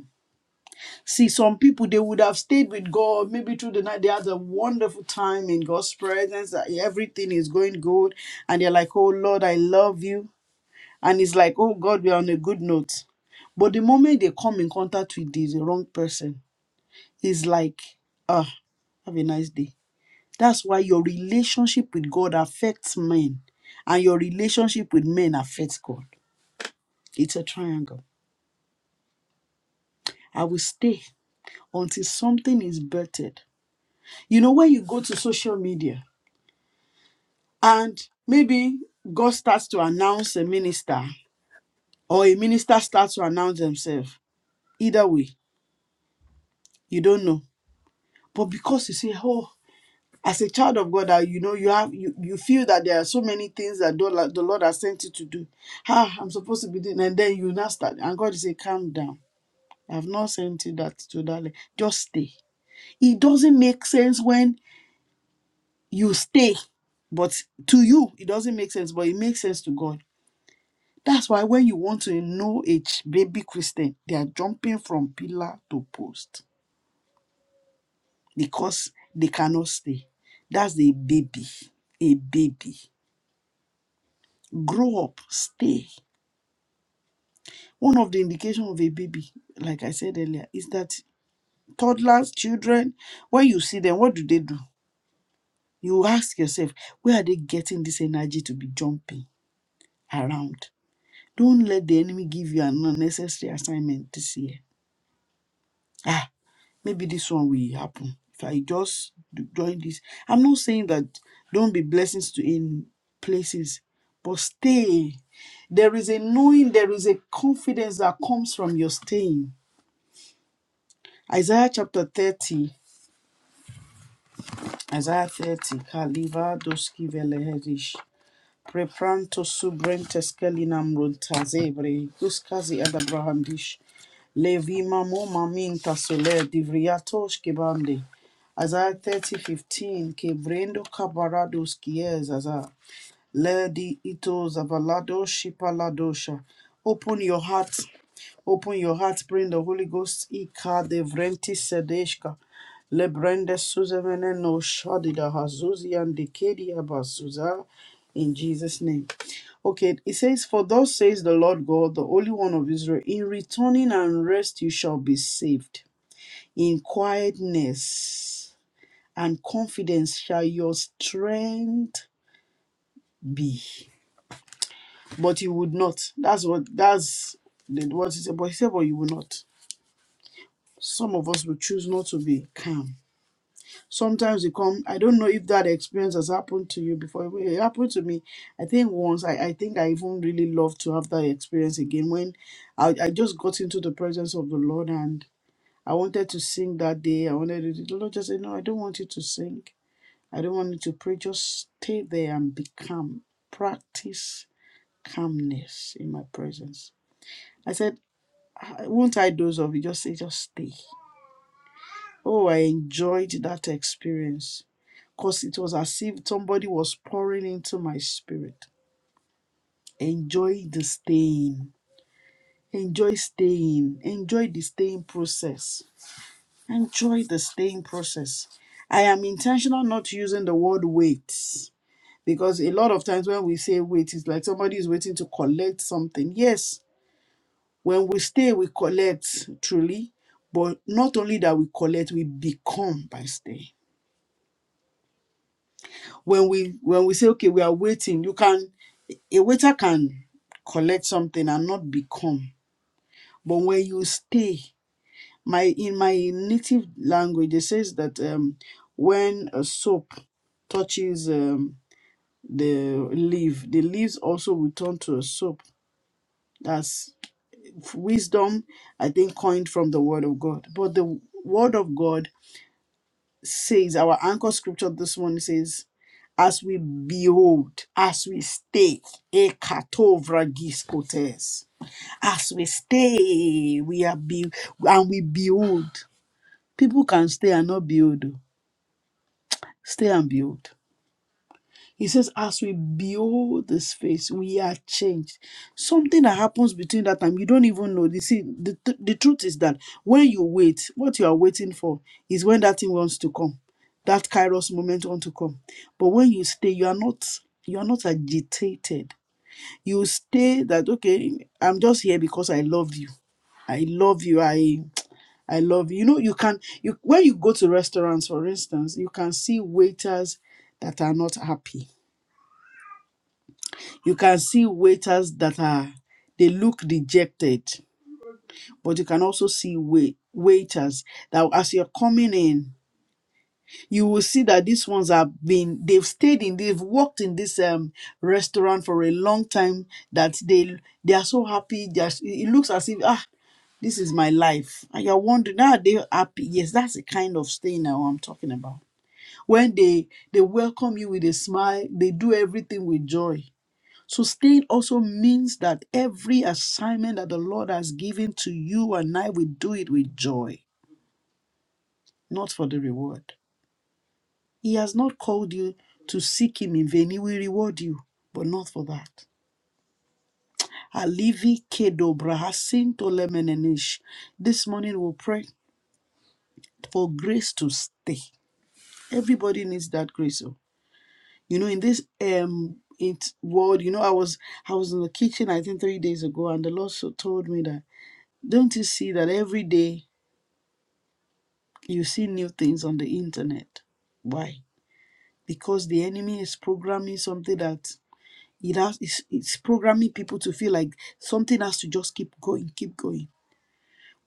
C: See, some people they would have stayed with God maybe through the night. They had a wonderful time in God's presence. that Everything is going good, and they're like, "Oh Lord, I love you," and it's like, "Oh God, we're on a good note." But the moment they come in contact with the, the wrong person, it's like, "Ah, have a nice day." That's why your relationship with God affects men, and your relationship with men affects God. It's a triangle. I will stay until something is birthed You know, when you go to social media and maybe God starts to announce a minister or a minister starts to announce themselves, either way, you don't know. But because you say, oh, as a child of God, that you know you have you, you feel that there are so many things that the Lord the Lord has sent you to do. Ah, I'm supposed to be doing, and then you now start, and God is say, calm down. I've not sent you that to that. le- Just stay. It doesn't make sense when you stay but to you it doesn't make sense but it makes sense to god That's why when you want to know a ch- baby Christian, they are jumping from pillar to post because they cannot stay. That's a baby, a baby. Grow up, stay. One of the indication of a baby, like I said earlier, is that toddlers, children, when you see them, what do they do? You ask yourself, where are they getting this energy to be jumping around? Don't let the enemy give you an unnecessary assignment this year Ah, maybe this one will happen. If I just do- join this, I'm not saying that don't be blessings to in places, but stay. There is a knowing, there is a confidence that comes from your staying. Isaiah chapter 30, Isaiah 30, Kaliva Doski Velehedish. Prepranto subrentes kelinam runtazebre, Guskazi ad Abrahamdish. Levima moma minta sole divriatosh kebande. Isaiah thirty fifteen 15, kebrendo kabarados kies aza, Lady Ito Zavalado Shipaladosha. Open your heart. Open your heart. Bring the Holy Ghost. Ika Devrenti Sedeshka. Lebrende Suzavene no Shadida Hazuzi and Dikedi Abasuza. In Jesus' name. Okay, it says, For thus says the Lord God, the Holy One of Israel, in returning and rest you shall be saved. In quietness and confidence shall your strength be but he would not. That's what that's the, what he said. But he said, but you will not. Some of us will choose not to be calm. Sometimes you come. I don't know if that experience has happened to you before. It happened to me. I think once. I, I think I even really love to have that experience again. When I, I just got into the presence of the Lord and I wanted to sing that day. I wanted to. The Lord just said, no, I don't want you to sing. I don't want you to pray. Just stay there and be calm. Practice calmness in my presence. I said, I won't I doze off? You just say, just stay. Oh, I enjoyed that experience because it was as if somebody was pouring into my spirit. Enjoy the staying. Enjoy staying. Enjoy the staying process. Enjoy the staying process. I am intentional not using the word wait because a lot of times when we say wait, it's like somebody is waiting to collect something. Yes, When we stay, we collect truly, but not only that we collect, we become by staying. When we when we say, okay, we are waiting, you can a waiter can collect something and not become. But when you stay, my in my native language, it says that um, when a soap touches um, the leaf, the leaves also will turn to a soap. That's wisdom, I think, coined from the word of God. But the word of God says, our anchor scripture this morning says, as we behold, as we stay, ekatovragis as we stay, we are be and we behold. People can stay and not behold. oh. Stay and behold. He says, as we behold this face, we are changed. Something that happens between that time, you don't even know. You see, the, th- the truth is that when you wait, what you are waiting for is when that thing wants to come. That kairos moment wants to come. But when you stay, you are not you are not agitated. You stay that okay, I'm just here because I love you. I love you. I I love you. You know, you can you when you go to restaurants, for instance, you can see waiters that are not happy you can see waiters that are, they look dejected, but you can also see wait, waiters that as you're coming in, you will see that these ones have been, they've stayed in, they've worked in this um, restaurant for a long time that they they are so happy. They are, it looks as if, ah, this is my life. And you're wondering, are they happy? Yes, that's the kind of stay now I'm talking about. When they they welcome you with a smile, they do everything with joy. Sustained also means that every assignment that the Lord has given to you and I, we do it with joy, not for the reward. He has not called you to seek Him in vain. He will reward you, but not for that. Alivi kedo brahasin to lemenenish. This morning we'll pray for grace to stay. Everybody needs that grace. oh. You know, in this um it world, you know, I was I was in the kitchen I think three days ago, and the Lord so told me that don't you see that every day you see new things on the internet. Why? Because the enemy is programming something that it has it's, it's programming people to feel like something has to just keep going, keep going.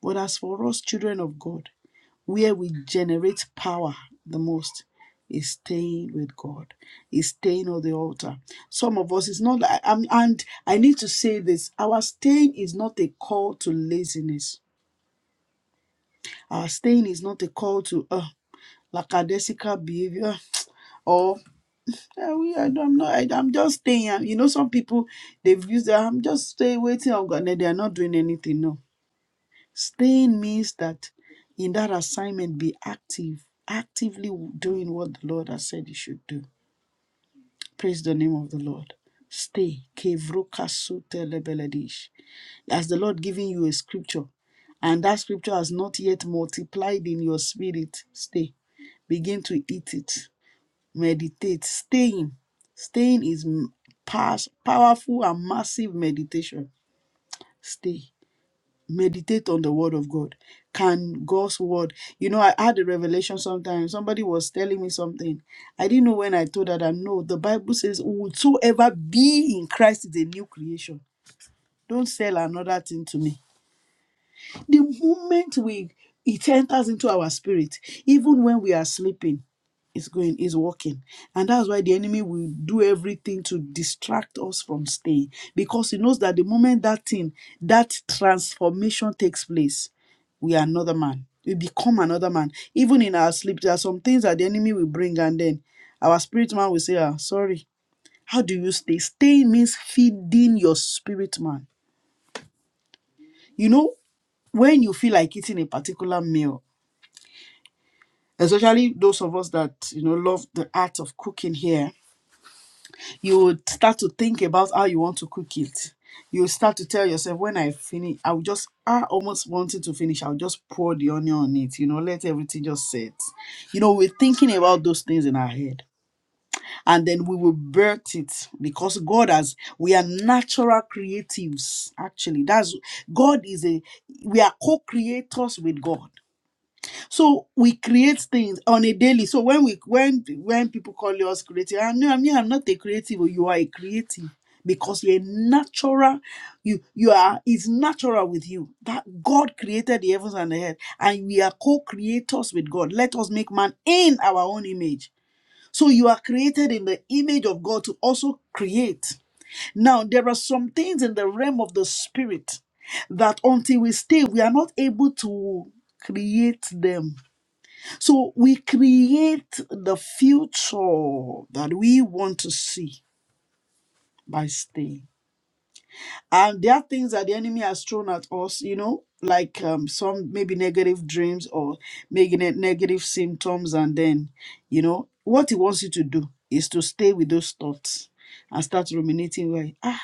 C: But as for us children of God, where we generate power the most is staying with God, is staying on the altar. Some of us it's not like, I- I'm and I need to say this. Our staying is not a call to laziness. Our staying is not a call to uh lackadaisical behavior Or Yeah, we, I, don't- I'm not. I, I'm just staying. And You know, some people they've used. that, I'm just staying, waiting on God. and then They are not doing anything. No, staying means that in that assignment, be active, actively doing what the Lord has said you should do. Praise the name of the Lord. Stay. Kevroka sute lebeledish. As the Lord giving you a scripture, and that scripture has not yet multiplied in your spirit, stay. Begin to eat it. Meditate. Staying. Staying is m- pas- powerful and massive meditation. Stay. Meditate on the word of God. Can God's word? You know, I had a revelation sometimes. Somebody was telling me something. I didn't know when I told her that no, the Bible says, Whosoever be in Christ is a new creation. Don't sell another thing to me the moment we it enters into our spirit, even when we are sleeping, it's going, it's working. And that's why the enemy will do everything to distract us from staying. Because he knows that the moment that thing, that transformation takes place, we are another man. We become another man. Even in our sleep, there are some things that the enemy will bring, and then our spirit man will say, Ah, sorry. How do you stay? Staying means feeding your spirit man. You know, when you feel like eating a particular meal especially those of us that you know love the art of cooking here you would start to think about how you want to cook it you start to tell yourself when i finish i will just i almost wanted to finish i'll just pour the onion on it you know let everything just set you know we're thinking about those things in our head and then we will birth it because god has we are natural creatives actually that's god is a we are co-creators with god so we create things on a daily. So when we when when people call us creative, I know I mean I'm not a creative, but you are a creative because you're a natural. You you are it's natural with you that God created the heavens and the earth, and we are co-creators with God. Let us make man in our own image. So you are created in the image of God to also create. Now there are some things in the realm of the spirit that until we stay, we are not able to create them so we create the future that we want to see by staying. And there are things that the enemy has thrown at us, you know, like um, some maybe negative dreams or making it negative symptoms. And then, you know, what he wants you to do is to stay with those thoughts and start ruminating like, ah,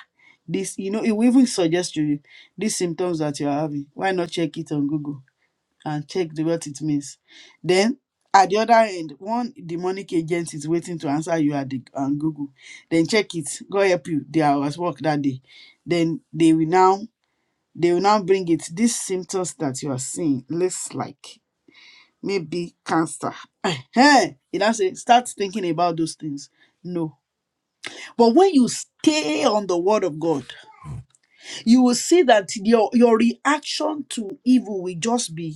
C: this, you know, it will even suggest to you these symptoms that you're having. Why not check it on Google? and check the what it means. Then at the other end, one demonic agent is waiting to answer you at the on Google. Then check it. God help you. They are at work that day. Then they will now they will now bring it. These symptoms that you are seeing looks like maybe cancer. Hey, it now say start thinking about those things. No. But when you stay on the word of God, you will see that your your reaction to evil will just be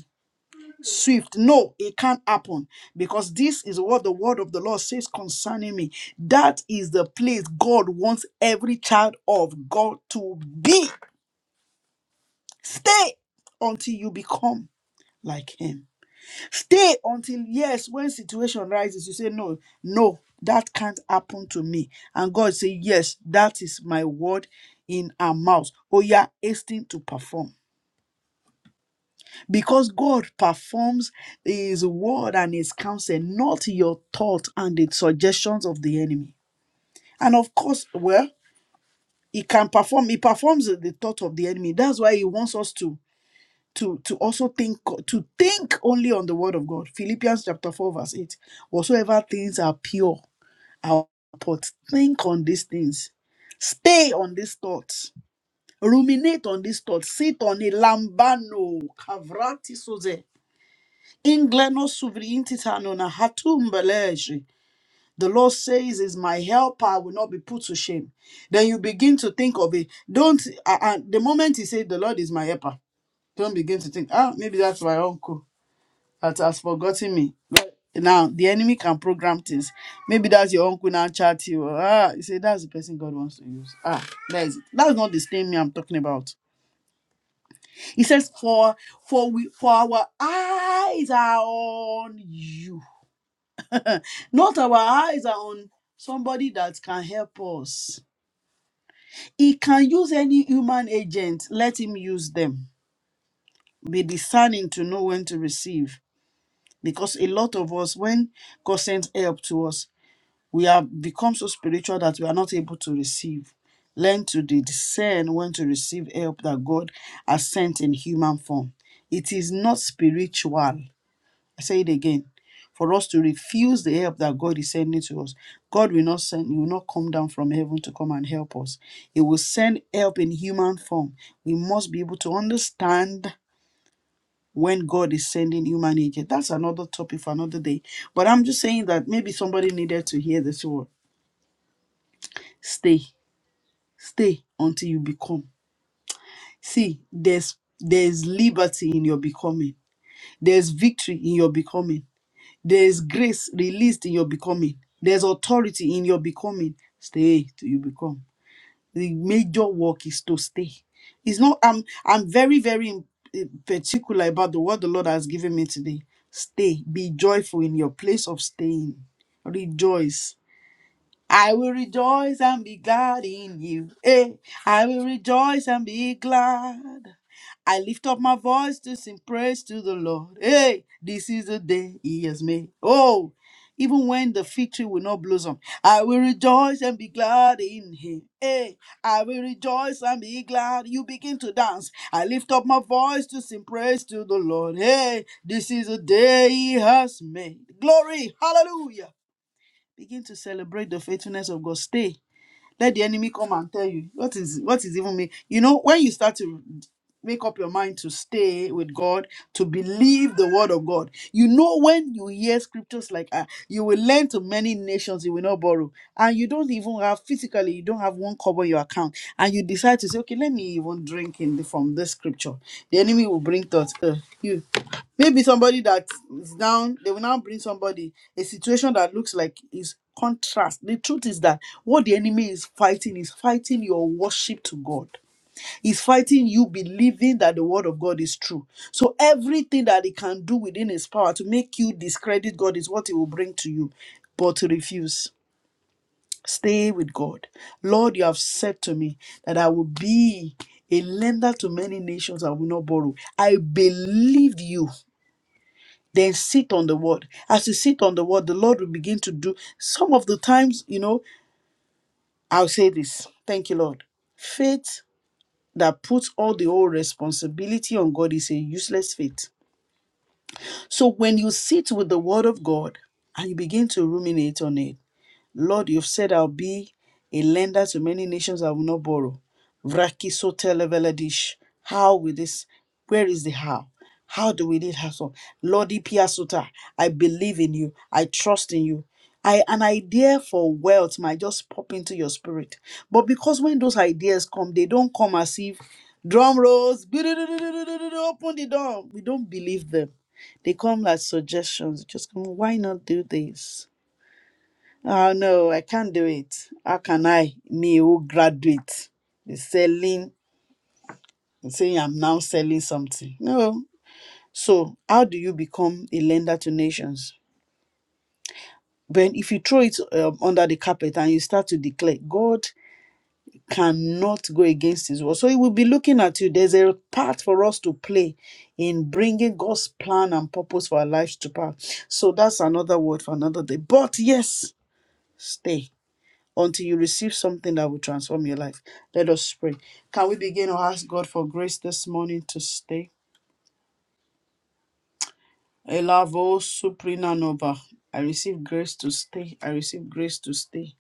C: swift. No, it can't happen because this is what the word of the Lord says concerning me. That is the place God wants every child of God to be. Stay until you become like Him. Stay until, yes, when situation rises, you say, No, no, that can't happen to me. And God say, Yes, that is my word in our mouths. Oh, yeah, hasten to perform. because God performs His word and His counsel, not your thought and the suggestions of the enemy. And of course, well, He can perform. He performs the thought of the enemy. That's why He wants us to to to also think to think only on the word of God. Philippians chapter four verse eight. Whatsoever things are pure, our thoughts think on these things. Stay on these thoughts. Ruminate on these thoughts. Sit on a lambano. Kavrati soze. Ingleno suvriintitanona hatum beleji. The Lord says, "Is my helper I will not be put to shame." Then you begin to think of it. Don't uh, uh, the moment he say, "The Lord is my helper," don't begin to think, "Ah, maybe that's my uncle that has forgotten me." But Now the enemy can program things. Maybe that's your uncle now chat you. Ah, you say that's the person God wants to use. Ah, that is it. That's not the same me I'm talking about. He says, "For for we for our eyes are on you." Not our eyes are on somebody that can help us. He can use any human agent, let him use them. Be discerning to know when to receive. Because a lot of us, when God sends help to us, we have become so spiritual that we are not able to receive. Learn to discern when to receive help that God has sent in human form. It is not spiritual I say it again. For us to refuse the help that God is sending to us, God will not send, He will not come down from heaven to come and help us. He will send help in human form. We must be able to understand when God is sending human agent. That's another topic for another day. But I'm just saying that maybe somebody needed to hear this word. Stay, stay until you become. See, there's there's liberty in your becoming. There's victory in your becoming. There is grace released in your becoming. There's authority in your becoming. Stay till you become. The major work is to stay. It's not. I'm. I'm very, very in- in particular about the word the Lord has given me today. Stay. Be joyful in your place of staying. Rejoice I will rejoice and be glad in you. Hey, I will rejoice and be glad. I lift up my voice to sing praise to the Lord. Hey, this is the day He has made. Oh, even when the fig tree will not blossom, I will rejoice and be glad in Him. Hey, I will rejoice and be glad. You begin to dance. I lift up my voice to sing praise to the Lord. Hey, this is the day He has made. Glory, hallelujah. Begin to celebrate the faithfulness of God. Stay. Let the enemy come and tell you what is what is even me. You know, when you start to make up your mind to stay with God, to believe the word of God, you know when you hear scriptures like ah, you will lend to many nations, you will not borrow, and you don't even have physically, you don't have one cover in your account, and you decide to say, okay, let me even drink in the, from this scripture. The enemy will bring thoughts. "Uh, you. Maybe somebody that is down, they will now bring somebody a situation that looks like is contrast. The truth is that what the enemy is fighting is fighting your worship to God. Is fighting you believing that the word of God is true. So everything that he can do within his power to make you discredit God is what he will bring to you. But to refuse, stay with God. Lord, you have said to me that I will be a lender to many nations, I will not borrow. I believed you then sit on the word. As you sit on the word, the Lord will begin to do some of the times, you know, I'll say this. Thank you, Lord. Faith that puts all the whole responsibility on God is a useless faith. So when you sit with the word of God and you begin to ruminate on it, Lord, you've said I'll be a lender to many nations I will not borrow. Vraki sotelevelidish. How will this? Where is the how? How do we need hassle? Lord Ipiasuta, I believe in you. I trust in you. I an idea for wealth might just pop into your spirit. But because when those ideas come, they don't come as if drum rolls, open the door. We don't believe them. They come like suggestions. Just come, why not do this? Oh no, I can't do it. How can I, me who graduate, be selling, saying I'm now selling something? No. So how do you become a lender to nations? When if you throw it um, under the carpet and you start to declare, God cannot go against His word. So He will be looking at you. There's a part for us to play in bringing God's plan and purpose for our lives to pass. So that's another word for another day. But yes, stay until you receive something that will transform your life. Let us pray. Can we begin to ask God for grace this morning to stay? Elavo Suprinanova. I receive grace to stay. I receive grace to stay.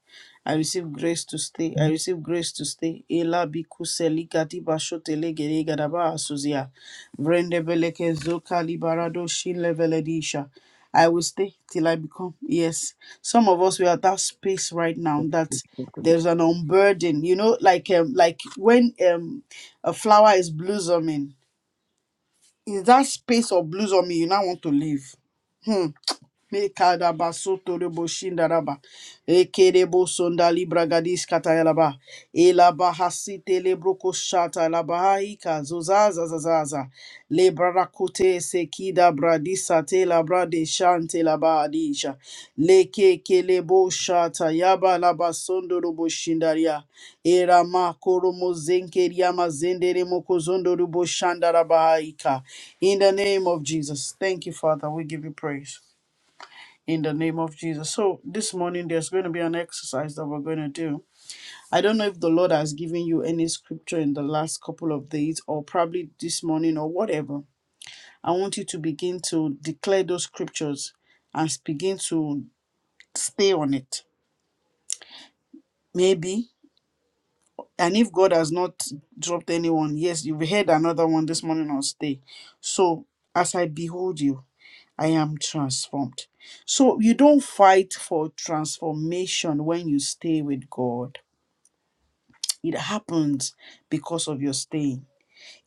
C: I receive grace to stay. I receive grace to stay. Ela bikuseli gadiba shotele gere gadaba asuzia. Vrende beleke zoka libarado shile veledisha. I will stay till I become. Yes. Some of us we are at that space right now that there's an unburden. You know, like um, like when um a flower is blossoming is that space of blues on me you now want to leave? Hmm. Mekadaba soto rebo shindaraba. Ekerebo sonda libra gadis katayalaba. Elaba hasite lebro koshata labahaika zozaza zazaza. Lebra rakute sekida bradisa te labra de shante laba Leke kelebo shata yaba laba sondo rebo shindaria. Erama koromo zenkeria mazendere moko zondo rebo shandarabahaika. In the name of Jesus. Thank you, Father. We give you praise in the name of Jesus. So this morning there's going to be an exercise that we're going to do. I don't know if the Lord has given you any scripture in the last couple of days or probably this morning or whatever. I want you to begin to declare those scriptures and begin to stay on it. Maybe and if God has not dropped anyone, yes, you've heard another one this morning on stay. So as I behold you, I am transformed. So you don't fight for transformation when you stay with God. It happens because of your staying.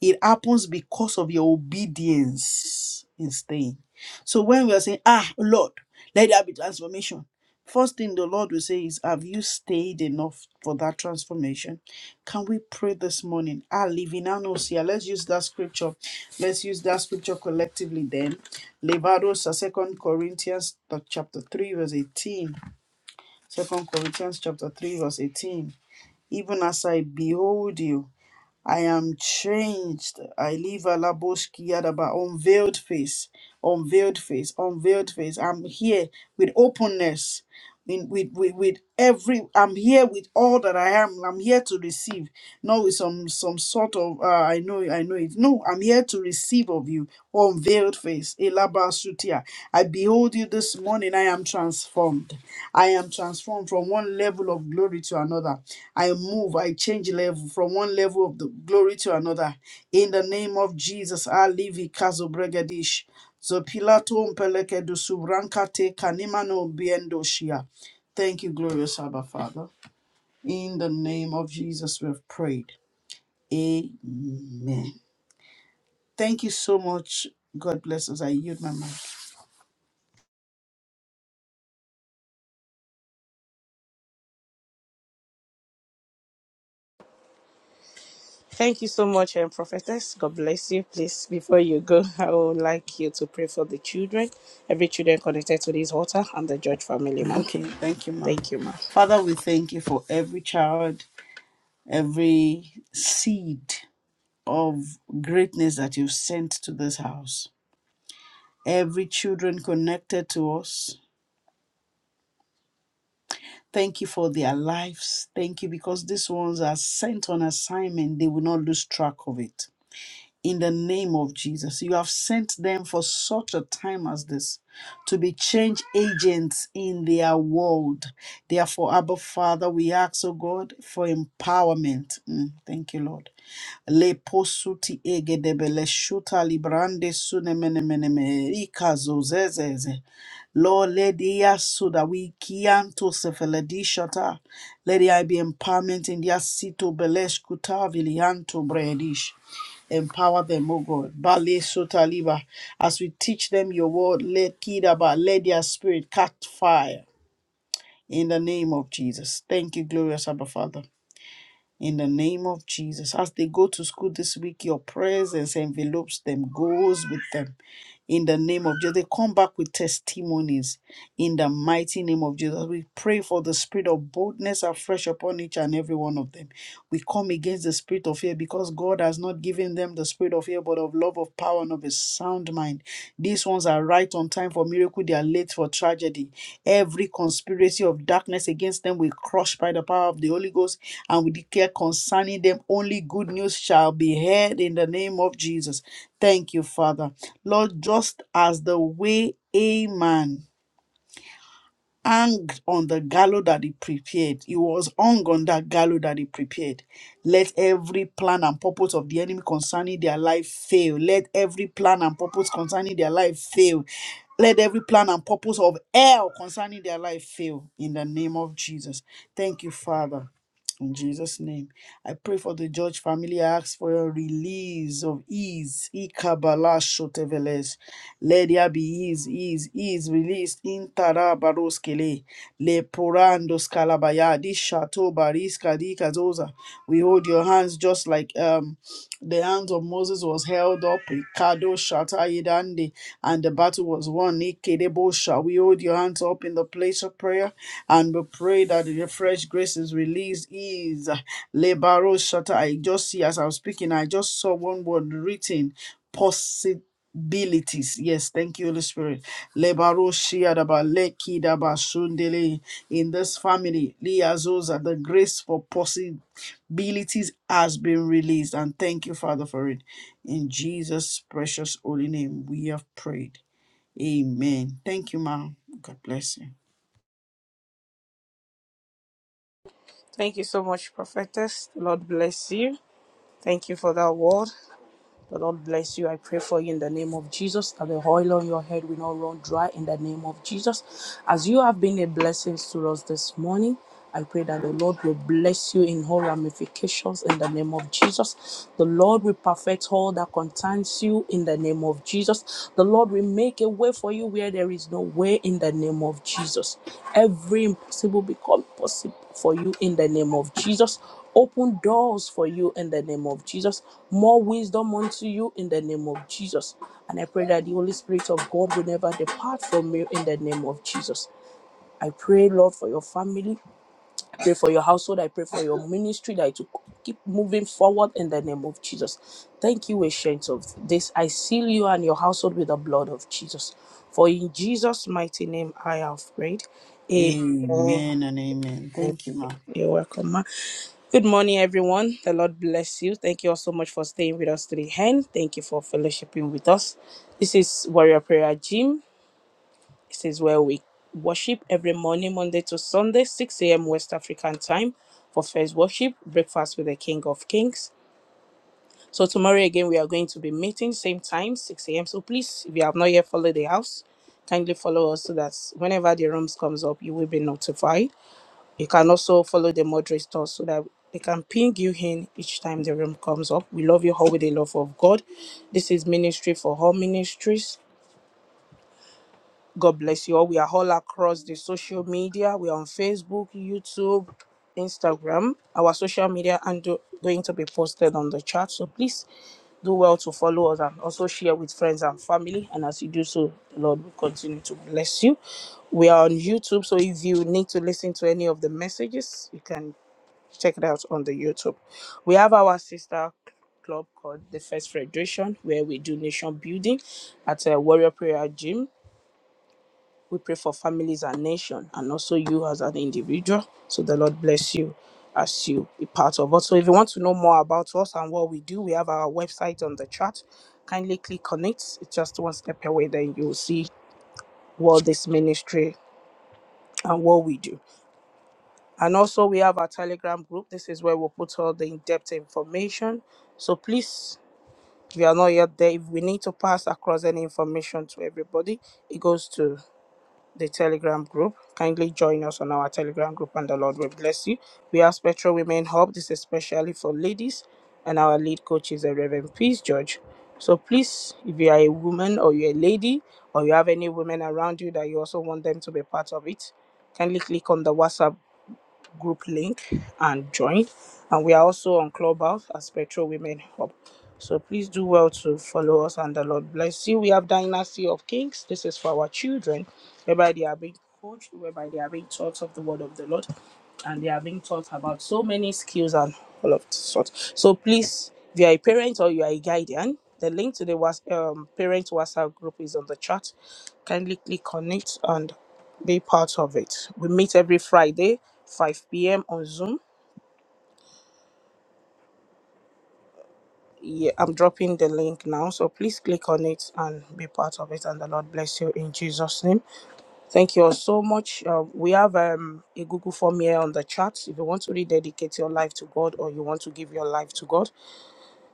C: It happens because of your obedience in staying. So when we are saying, Ah, Lord, let there be transformation, first thing the Lord will say is, Have you stayed enough for that transformation? Can we pray this morning? Ah, Livinanos, let's use that scripture. Let's use that scripture collectively then. Levados, Second Corinthians uh, chapter 3, verse 18. Second Corinthians chapter 3, verse 18. Even as I behold you, I am changed. I live a laboski, laboskiadaba, unveiled face, unveiled face, unveiled face. I'm here with openness in, with, with with every i'm here with all that i am i'm here to receive not with some some sort of uh, i know i know it no i'm here to receive of you unveiled face elabasutia i behold you this morning i am transformed i am transformed from one level of glory to another i move i change level from one level of the glory to another in the name of jesus i live in Kazobregadish. So Pilato mpeleke du subranca te kanimano biendo shia. Thank you, glorious Abba Father. In the name of Jesus, we have prayed. Amen. Thank you so much. God bless us. I yield my mind.
A: Thank you so much, um, Prophetess. God bless you. Please, before you go, I would like you to pray for the children, every children connected to this altar, and the George family, ma.
C: Okay, thank you, Ma.
A: Thank you, ma.
C: Father, we thank you for every child, every seed of greatness that you've sent to this house. Every children connected to us, Thank you for their lives. Thank you because these ones are sent on assignment. They will not lose track of it. In the name of Jesus, you have sent them for such a time as this to be change agents in their world. Therefore, Abba Father, we ask, oh God, for empowerment. Mm, thank you, Lord Le posuti egedebele shuta librande sune mene mene me ika zozezeze. Lord, let their suda we kianto sefeledi shata. Let there be empowerment in their sito belesh kuta vilianto bredish. Empower them, O God. Bale sota liba. As we teach them your word, let kidaba, let their spirit catch fire. In the name of Jesus. Thank you, glorious Abba Father in the name of Jesus. As they go to school this week, your presence envelopes them, goes with them in the name of Jesus. They come back with testimonies in the mighty name of Jesus. We pray for the spirit of boldness afresh upon each and every one of them. We come against the spirit of fear because God has not given them the spirit of fear, but of love, of power, and of a sound mind. These ones are right on time for miracle, they are late for tragedy. Every conspiracy of darkness against them we crush by the power of the Holy Ghost, and we declare concerning them only good news shall be heard in the name of Jesus. Thank you, Father. Lord, just as the way a man hung on the gallows that he prepared, he was hung on that gallows that he prepared. Let every plan and purpose of the enemy concerning their life fail. Let every plan and purpose concerning their life fail. Let every plan and purpose of hell concerning their life fail in the name of Jesus. Thank you, Father. In Jesus' name, I pray for the George family. I ask for a release of ease. Ikabala shoteveles. Let there be ease, ease, ease released in Tarabaroskele. Le porandos kalabaya. Di shato bariska di kazoza. We hold your hands just like um the hand of Moses was held up, Ikado Shatayidande, and the battle was won. Ikedebo shall we hold your hands up in the place of prayer and we pray that the fresh grace is released. Is Lebaro Shata. I just see as I was speaking, I just saw one word written possibilities. Yes, thank you, Holy Spirit. Lebaro Shiadaba Lekidaba Shundele in this family, Liazosa, the grace for possi abilities has been released. And thank you, Father, for it. In Jesus' precious holy name, we have prayed. Amen. Thank you, ma'am. God bless you.
A: Thank you so much, Prophetess. Lord bless you. Thank you for that word. The Lord bless you. I pray for you in the name of Jesus that the oil on your head will not run dry in the name of Jesus. As you have been a blessing to us this morning, I pray that the Lord will bless you in all ramifications in the name of Jesus. The Lord will perfect all that concerns you in the name of Jesus. The Lord will make a way for you where there is no way in the name of Jesus. Every impossible become possible for you in the name of Jesus open doors for you in the name of Jesus. More wisdom unto you in the name of Jesus. And I pray that the Holy Spirit of God will never depart from you in the name of Jesus. I pray, Lord, for your family. I pray for your household. I pray for your ministry that it will keep moving forward in the name of Jesus. Thank you, ancient of this. I seal you and your household with the blood of Jesus. For in Jesus' mighty name I have prayed. Amen.
C: Amen and amen. Thank you, ma'am.
A: You're welcome, ma. Good morning, everyone. The Lord bless you. Thank you all so much for staying with us today, and thank you for fellowshipping with us. This is Warrior Prayer Gym. This is where we worship every morning, Monday to Sunday, 6 a.m. West African time for first worship, breakfast with the King of Kings. So tomorrow again, we are going to be meeting same time, 6 a.m. So please, if you have not yet followed the house, kindly follow us so that whenever the rooms comes up, you will be notified. You can also follow the moderators so that they can ping you in each time the room comes up. We love you all with the love of God. This is Ministry for All Ministries. God bless you all. We are all across the social media. We are on Facebook, YouTube, Instagram. Our social media and do- going to be posted on the chat. So please do well to follow us and also share with friends and family. And as you do so, the Lord will continue to bless you. We are on YouTube, so if you need to listen to any of the messages, you can check it out on the YouTube. We have our sister club called the First Federation, where we do nation building at a Warrior Prayer Gym. We pray for families and nation, and also you as an individual. So the Lord bless you as you be part of us. So if you want to know more about us and what we do, we have our website on the chat. Kindly click on it. It's just one step away, then you'll see what this ministry and what we do. And also, we have our Telegram group. This is where we'll put all the in depth information. So please, if you are not yet there, if we need to pass across any information to everybody, it goes to the Telegram group. Kindly join us on our Telegram group, and the Lord will bless you. We have Spectral Women Hub. This is especially for ladies, and our lead coach is the Reverend Peace George. So please, if you are a woman or you're a lady, or you have any women around you that you also want them to be part of it, kindly click on the WhatsApp group link and join. And we are also on Clubhouse as Petrol Women Hub. So please do well to follow us and the Lord bless you. We have Dynasty of Kings. This is for our children, whereby they are being coached, whereby they are being taught of the word of the Lord, and they are being taught about so many skills and all of sort. So please, if you are a parent or you are a guardian, the link to the was um, parent WhatsApp group is on the chat. Kindly click on it and be part of it. We meet every Friday, 5 p.m. on Zoom. Yeah, I'm dropping the link now, so please click on it and be part of it. And the Lord bless you in Jesus' name. Thank you all so much. Uh, we have um, a Google form here on the chat. If you want to rededicate your life to God, or you want to give your life to God,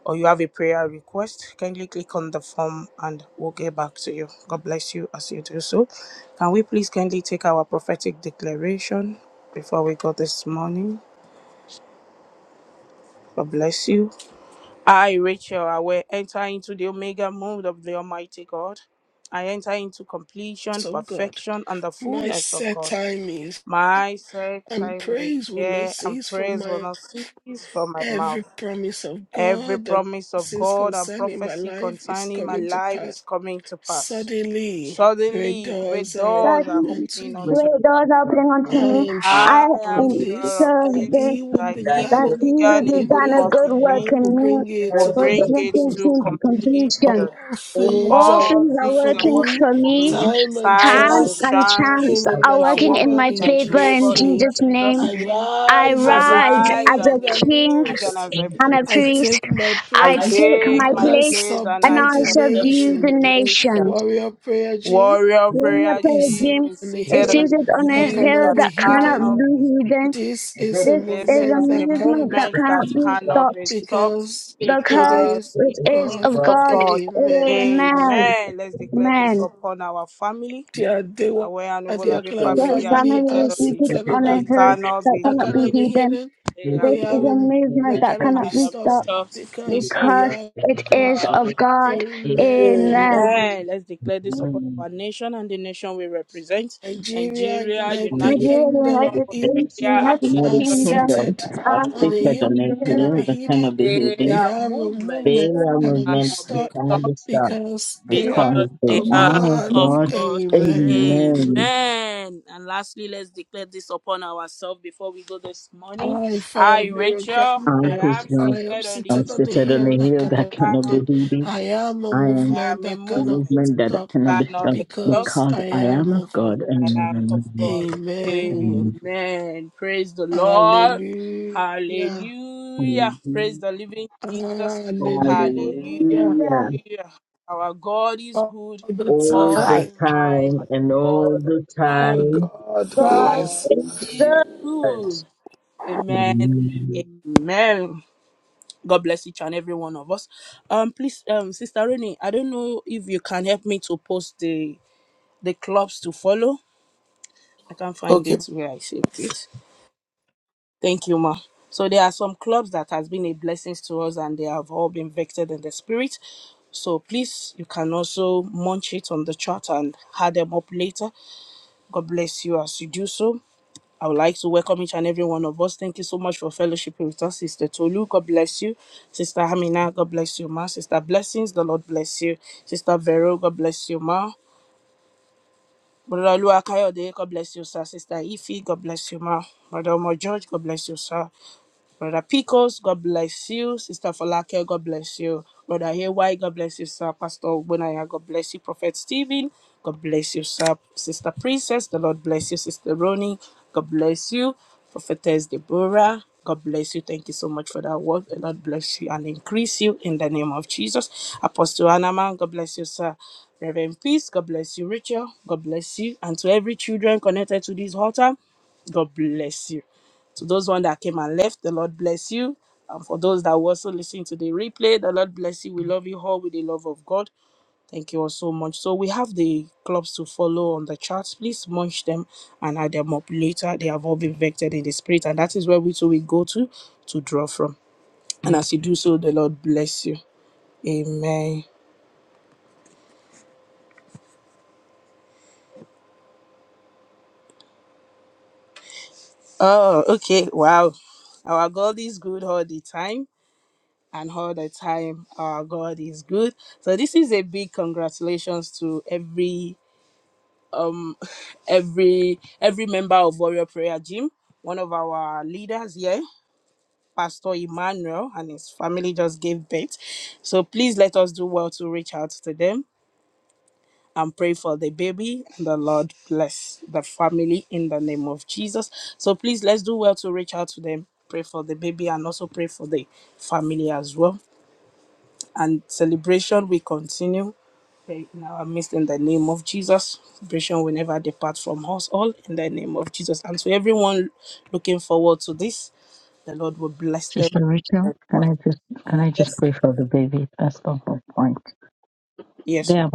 A: or you have a prayer request, kindly click on the form and we'll get back to you. God bless you as you do so. Can we please kindly take our prophetic declaration before we go this morning? God bless you. I, Rachel, I will enter into the Omega mode of the Almighty God. I enter into completion,
B: So God.
A: perfection, and the
B: My
A: fullness of
B: set
A: God.
B: time is,
A: My set
B: and
A: time is
B: praise will not
A: here, and
B: cease from
A: praise will
B: my
A: not cease from my
B: every
A: mouth.
B: promise of
A: Every
B: God that
A: promise of
B: is
A: God and
B: concerning my
A: prophecy
B: life is
A: concerning my
B: coming to
A: life is
B: pass.
A: coming to pass.
B: Suddenly, great
A: Suddenly, great
B: doors are
A: doors are
E: sudden
B: opened to
A: opening
B: me.
A: unto me.
E: great doors opening
B: I
E: unto me.
B: am sure
E: I
A: I am
B: of
E: am
A: sure
B: this,
A: of
B: that
A: this,
B: he
E: service
B: who
A: that he
B: began
A: who
B: a
E: that
B: good
E: he
B: work
E: who
A: began a
B: in
A: good
E: began a
B: me
A: work in
E: good work
A: me
B: will
E: in me
B: bring it
A: will
B: to
E: will be
B: completion.
A: bring it
E: making
A: to
E: to
A: completion.
E: completion.
B: All things
E: All
B: are
A: All
E: things
B: working
E: are
A: things
B: for
A: are
E: working
A: working
B: me.
E: for
A: for me.
E: me.
B: Time and
A: Time
E: Time
A: and
B: chance
E: and
A: chance
E: chance
B: working in
E: are
B: my
A: are
E: working in
A: working
B: favor
A: in
E: my
B: in
A: my
E: favor in
B: Jesus'
A: favor in
B: name.
E: Jesus'
A: Jesus'
E: name.
B: I
A: name.
E: I
B: rise as a
E: rise
A: Arise
E: as
A: as
B: king
A: a
E: a
B: and
E: king
A: king and
B: priest.
A: as a
E: and a
B: I
A: priest.
E: priest.
B: take my
A: I
E: I
B: place
E: take
A: take
E: my
B: and
A: my
B: I
E: place
A: place and
E: and
A: I
B: subdue
E: I
B: the
A: subdue
E: subdue the
B: nation.
A: the nation.
E: nation.
B: Warrior prayer gym
A: Warrior Prayer
B: is seated
A: Gym
E: Leopardim
A: is
B: on a
E: is
A: seated on
B: hill
E: seated
A: the
E: on a
B: that
A: hill
E: hill
B: cannot
A: that
B: be
E: that cannot
B: hidden.
E: be
A: cannot be
E: hidden.
B: This is a
E: This
A: this
E: is a
A: is
B: movement
A: a
B: that cannot
E: movement
B: be
E: that
A: movement that
E: cannot be
A: cannot be
E: stopped
A: stopped
B: because it
E: because
B: is
A: because
E: it
A: it
E: is of
A: is
B: God.
A: of
E: God.
A: God.
B: Amen.
E: Amen.
A: Amen. Let's declare this
E: Amen.
A: upon our family.
B: Dear they were
A: Our
B: at their
A: Anubulabi
B: Akila
E: The
A: family are
B: family
E: family
A: fitted
B: are
E: is
A: of the
E: seated
B: seated
A: key
B: on
E: on
A: that
E: a
B: the
E: hill
A: cannot
E: that
A: be
B: that
E: cannot be
B: cannot
A: hidden.
B: be
E: hidden.
B: hidden.
A: They are
B: We
E: This
B: have
E: is
A: moved
E: a
B: a
E: movement
B: that
A: that
E: that
B: cannot be
E: cannot be
A: cannot be
B: stopped
E: stopped
A: stopped
B: because
A: because.
B: we
E: because
B: are
E: it is
B: God.
E: of God.
B: Amen.
E: Amen.
A: Amen. Let's declare this upon our nation and the nation we represent.
B: Nigeria,
A: Nigeria,
E: You
B: United
A: United
B: Kingdom
E: did
A: Kingdom,
E: in every nation,
B: Italy
A: Australia,
E: in
A: are
E: every
A: fitted
B: are
A: of the key
B: seated
A: that
E: I'm
B: on
A: cannot
B: a
A: be
B: hill that cannot be hidden.
A: They
B: They
A: are
B: have a
A: movements
B: movement
A: that
B: that cannot be
A: cannot be
B: stopped
A: stopped
B: because they are
A: because they
B: of
A: are
B: God.
A: of God.
B: Amen.
A: Amen. And lastly, let's declare this upon ourselves before we go this morning.
B: I, fire
A: I,
B: very Kyle,
A: Rachel, I am
B: I am
A: seated on the
B: seated on a
A: hill
B: hill that
A: that
B: cannot be
A: cannot
B: hidden.
A: be
B: I
A: hidden.
B: am a
A: I
B: movement
A: am a
B: that cannot
A: movement
B: stop
A: that cannot be stopped
B: because I am of
A: because I am of God.
B: Amen.
A: Amen. Praise the Lord.
B: Hallelujah.
A: Hallelujah. Praise the living Jesus. Hallelujah.
B: Hallelujah.
A: Our God is
B: All
A: good
B: the
A: all the
B: Right. time.
A: time. All the
B: Our
A: time.
B: God
A: God
B: is
A: is good. Amen. Amen. God bless each and every one of us. Um, please, um, Sister Renee, I don't know if you can help me to post the the clubs to follow I can't find
B: okay.
A: it where I saved it. Thank you, Ma. So there are some clubs that has been a blessing to us and they have all been vectored in the spirit. So please, you can also munch it on the chart and add them up later. God bless you as you do so. I would like to welcome each and every one of us. Thank you so much for fellowship with us, Sister Tolu. God bless you. Sister Hamina, God bless you, Ma. Sister Blessings, the Lord bless you. Sister Vero, God bless you, Ma. Brother Lua God bless you, sir. Sister Ife, God bless you, ma. Brother Omo George, God bless you, sir. Brother Picos, God bless you. Sister Falake, God bless you. Brother Haywire, God bless you, sir. Pastor Ogbonaya, God bless you. Prophet Stephen, God bless you, sir. Sister Princess, the Lord bless you. Sister Ronnie, God bless you. Prophetess Deborah, God bless you. Thank you so much for that work. The Lord bless you and increase you in the name of Jesus. Apostle Anaman, God bless you, sir. Reverend Peace, God bless you. Rachel, God bless you. And to every children connected to this altar, God bless you. To those one that came and left, the Lord bless you. And for those that were also listening to the replay, the Lord bless you. We love you all with the love of God. Thank you all so much. So we have the clubs to follow on the charts. Please munch them and add them up later. They have all been vectored in the spirit, and that is where we too will go to to draw from. And as you do so, the Lord bless you. Amen. Oh, okay. Wow. Our God is good all the time. and all the time our god is good so this is a big congratulations to every every every member of warrior prayer gym one of our leaders here pastor emmanuel and his family just gave birth so please let us do well to reach out to them and pray for the baby and the lord bless the family in the name of jesus so please let's do well to reach out to them pray for the baby and also pray for the family as well and celebration will continue uh, in our midst in the name of Jesus. Celebration will never depart from us all in the name of Jesus. And to everyone looking forward to this, the Lord will bless them. in the name of- Yes, yes, ma'am.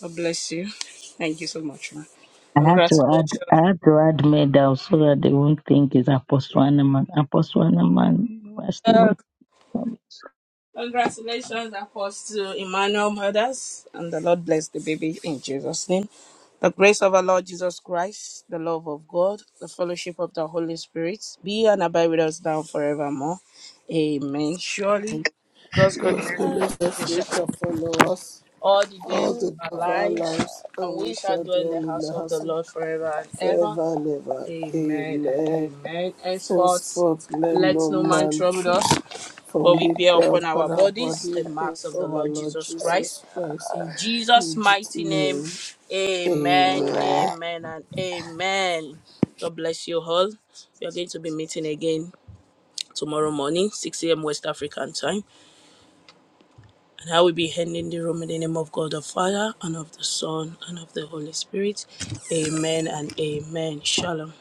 A: God bless you. Thank you so much, ma'am. Congratulations. Congratulations, Apostle Emmanuel Mothers, and the Lord bless the baby in Jesus' name. The grace of our Lord Jesus Christ, the love of God, the fellowship of the Holy Spirit be and abide with us now forevermore. Amen. Surely God's
B: God's
A: goodness
B: goodness and
A: is
B: mercy
A: shall
B: shall follow us
A: all the days
B: all
A: of
B: the days
A: our
B: of our
A: lives,
B: lives,
A: and
B: and we
A: we shall
B: shall
A: dwell in the
B: dwell in
A: house
B: the
A: of the
B: house of
A: Lord forever and ever.
B: forever and ever.
A: Amen and
B: Amen.
A: amen. Henceforth,
B: Henceforth, let
A: let
B: no
A: no man
B: man
A: trouble us
B: trust, for
A: but we
B: we
A: bear
B: bear
A: upon our
B: upon our
A: bodies
B: body
A: the
B: the mark
A: marks of the
B: of our
A: Lord
B: Lord
A: Jesus Christ.
B: Jesus Christ.
A: In Jesus'
B: In Jesus'
A: mighty name,
B: name,
A: amen,
B: amen.
A: amen, and amen. God bless you all. We are going to be meeting again tomorrow morning, 6 a.m. West African time. And I will be handing the room in the name of God the Father, and of the Son, and of the Holy Spirit. Amen and amen. Shalom.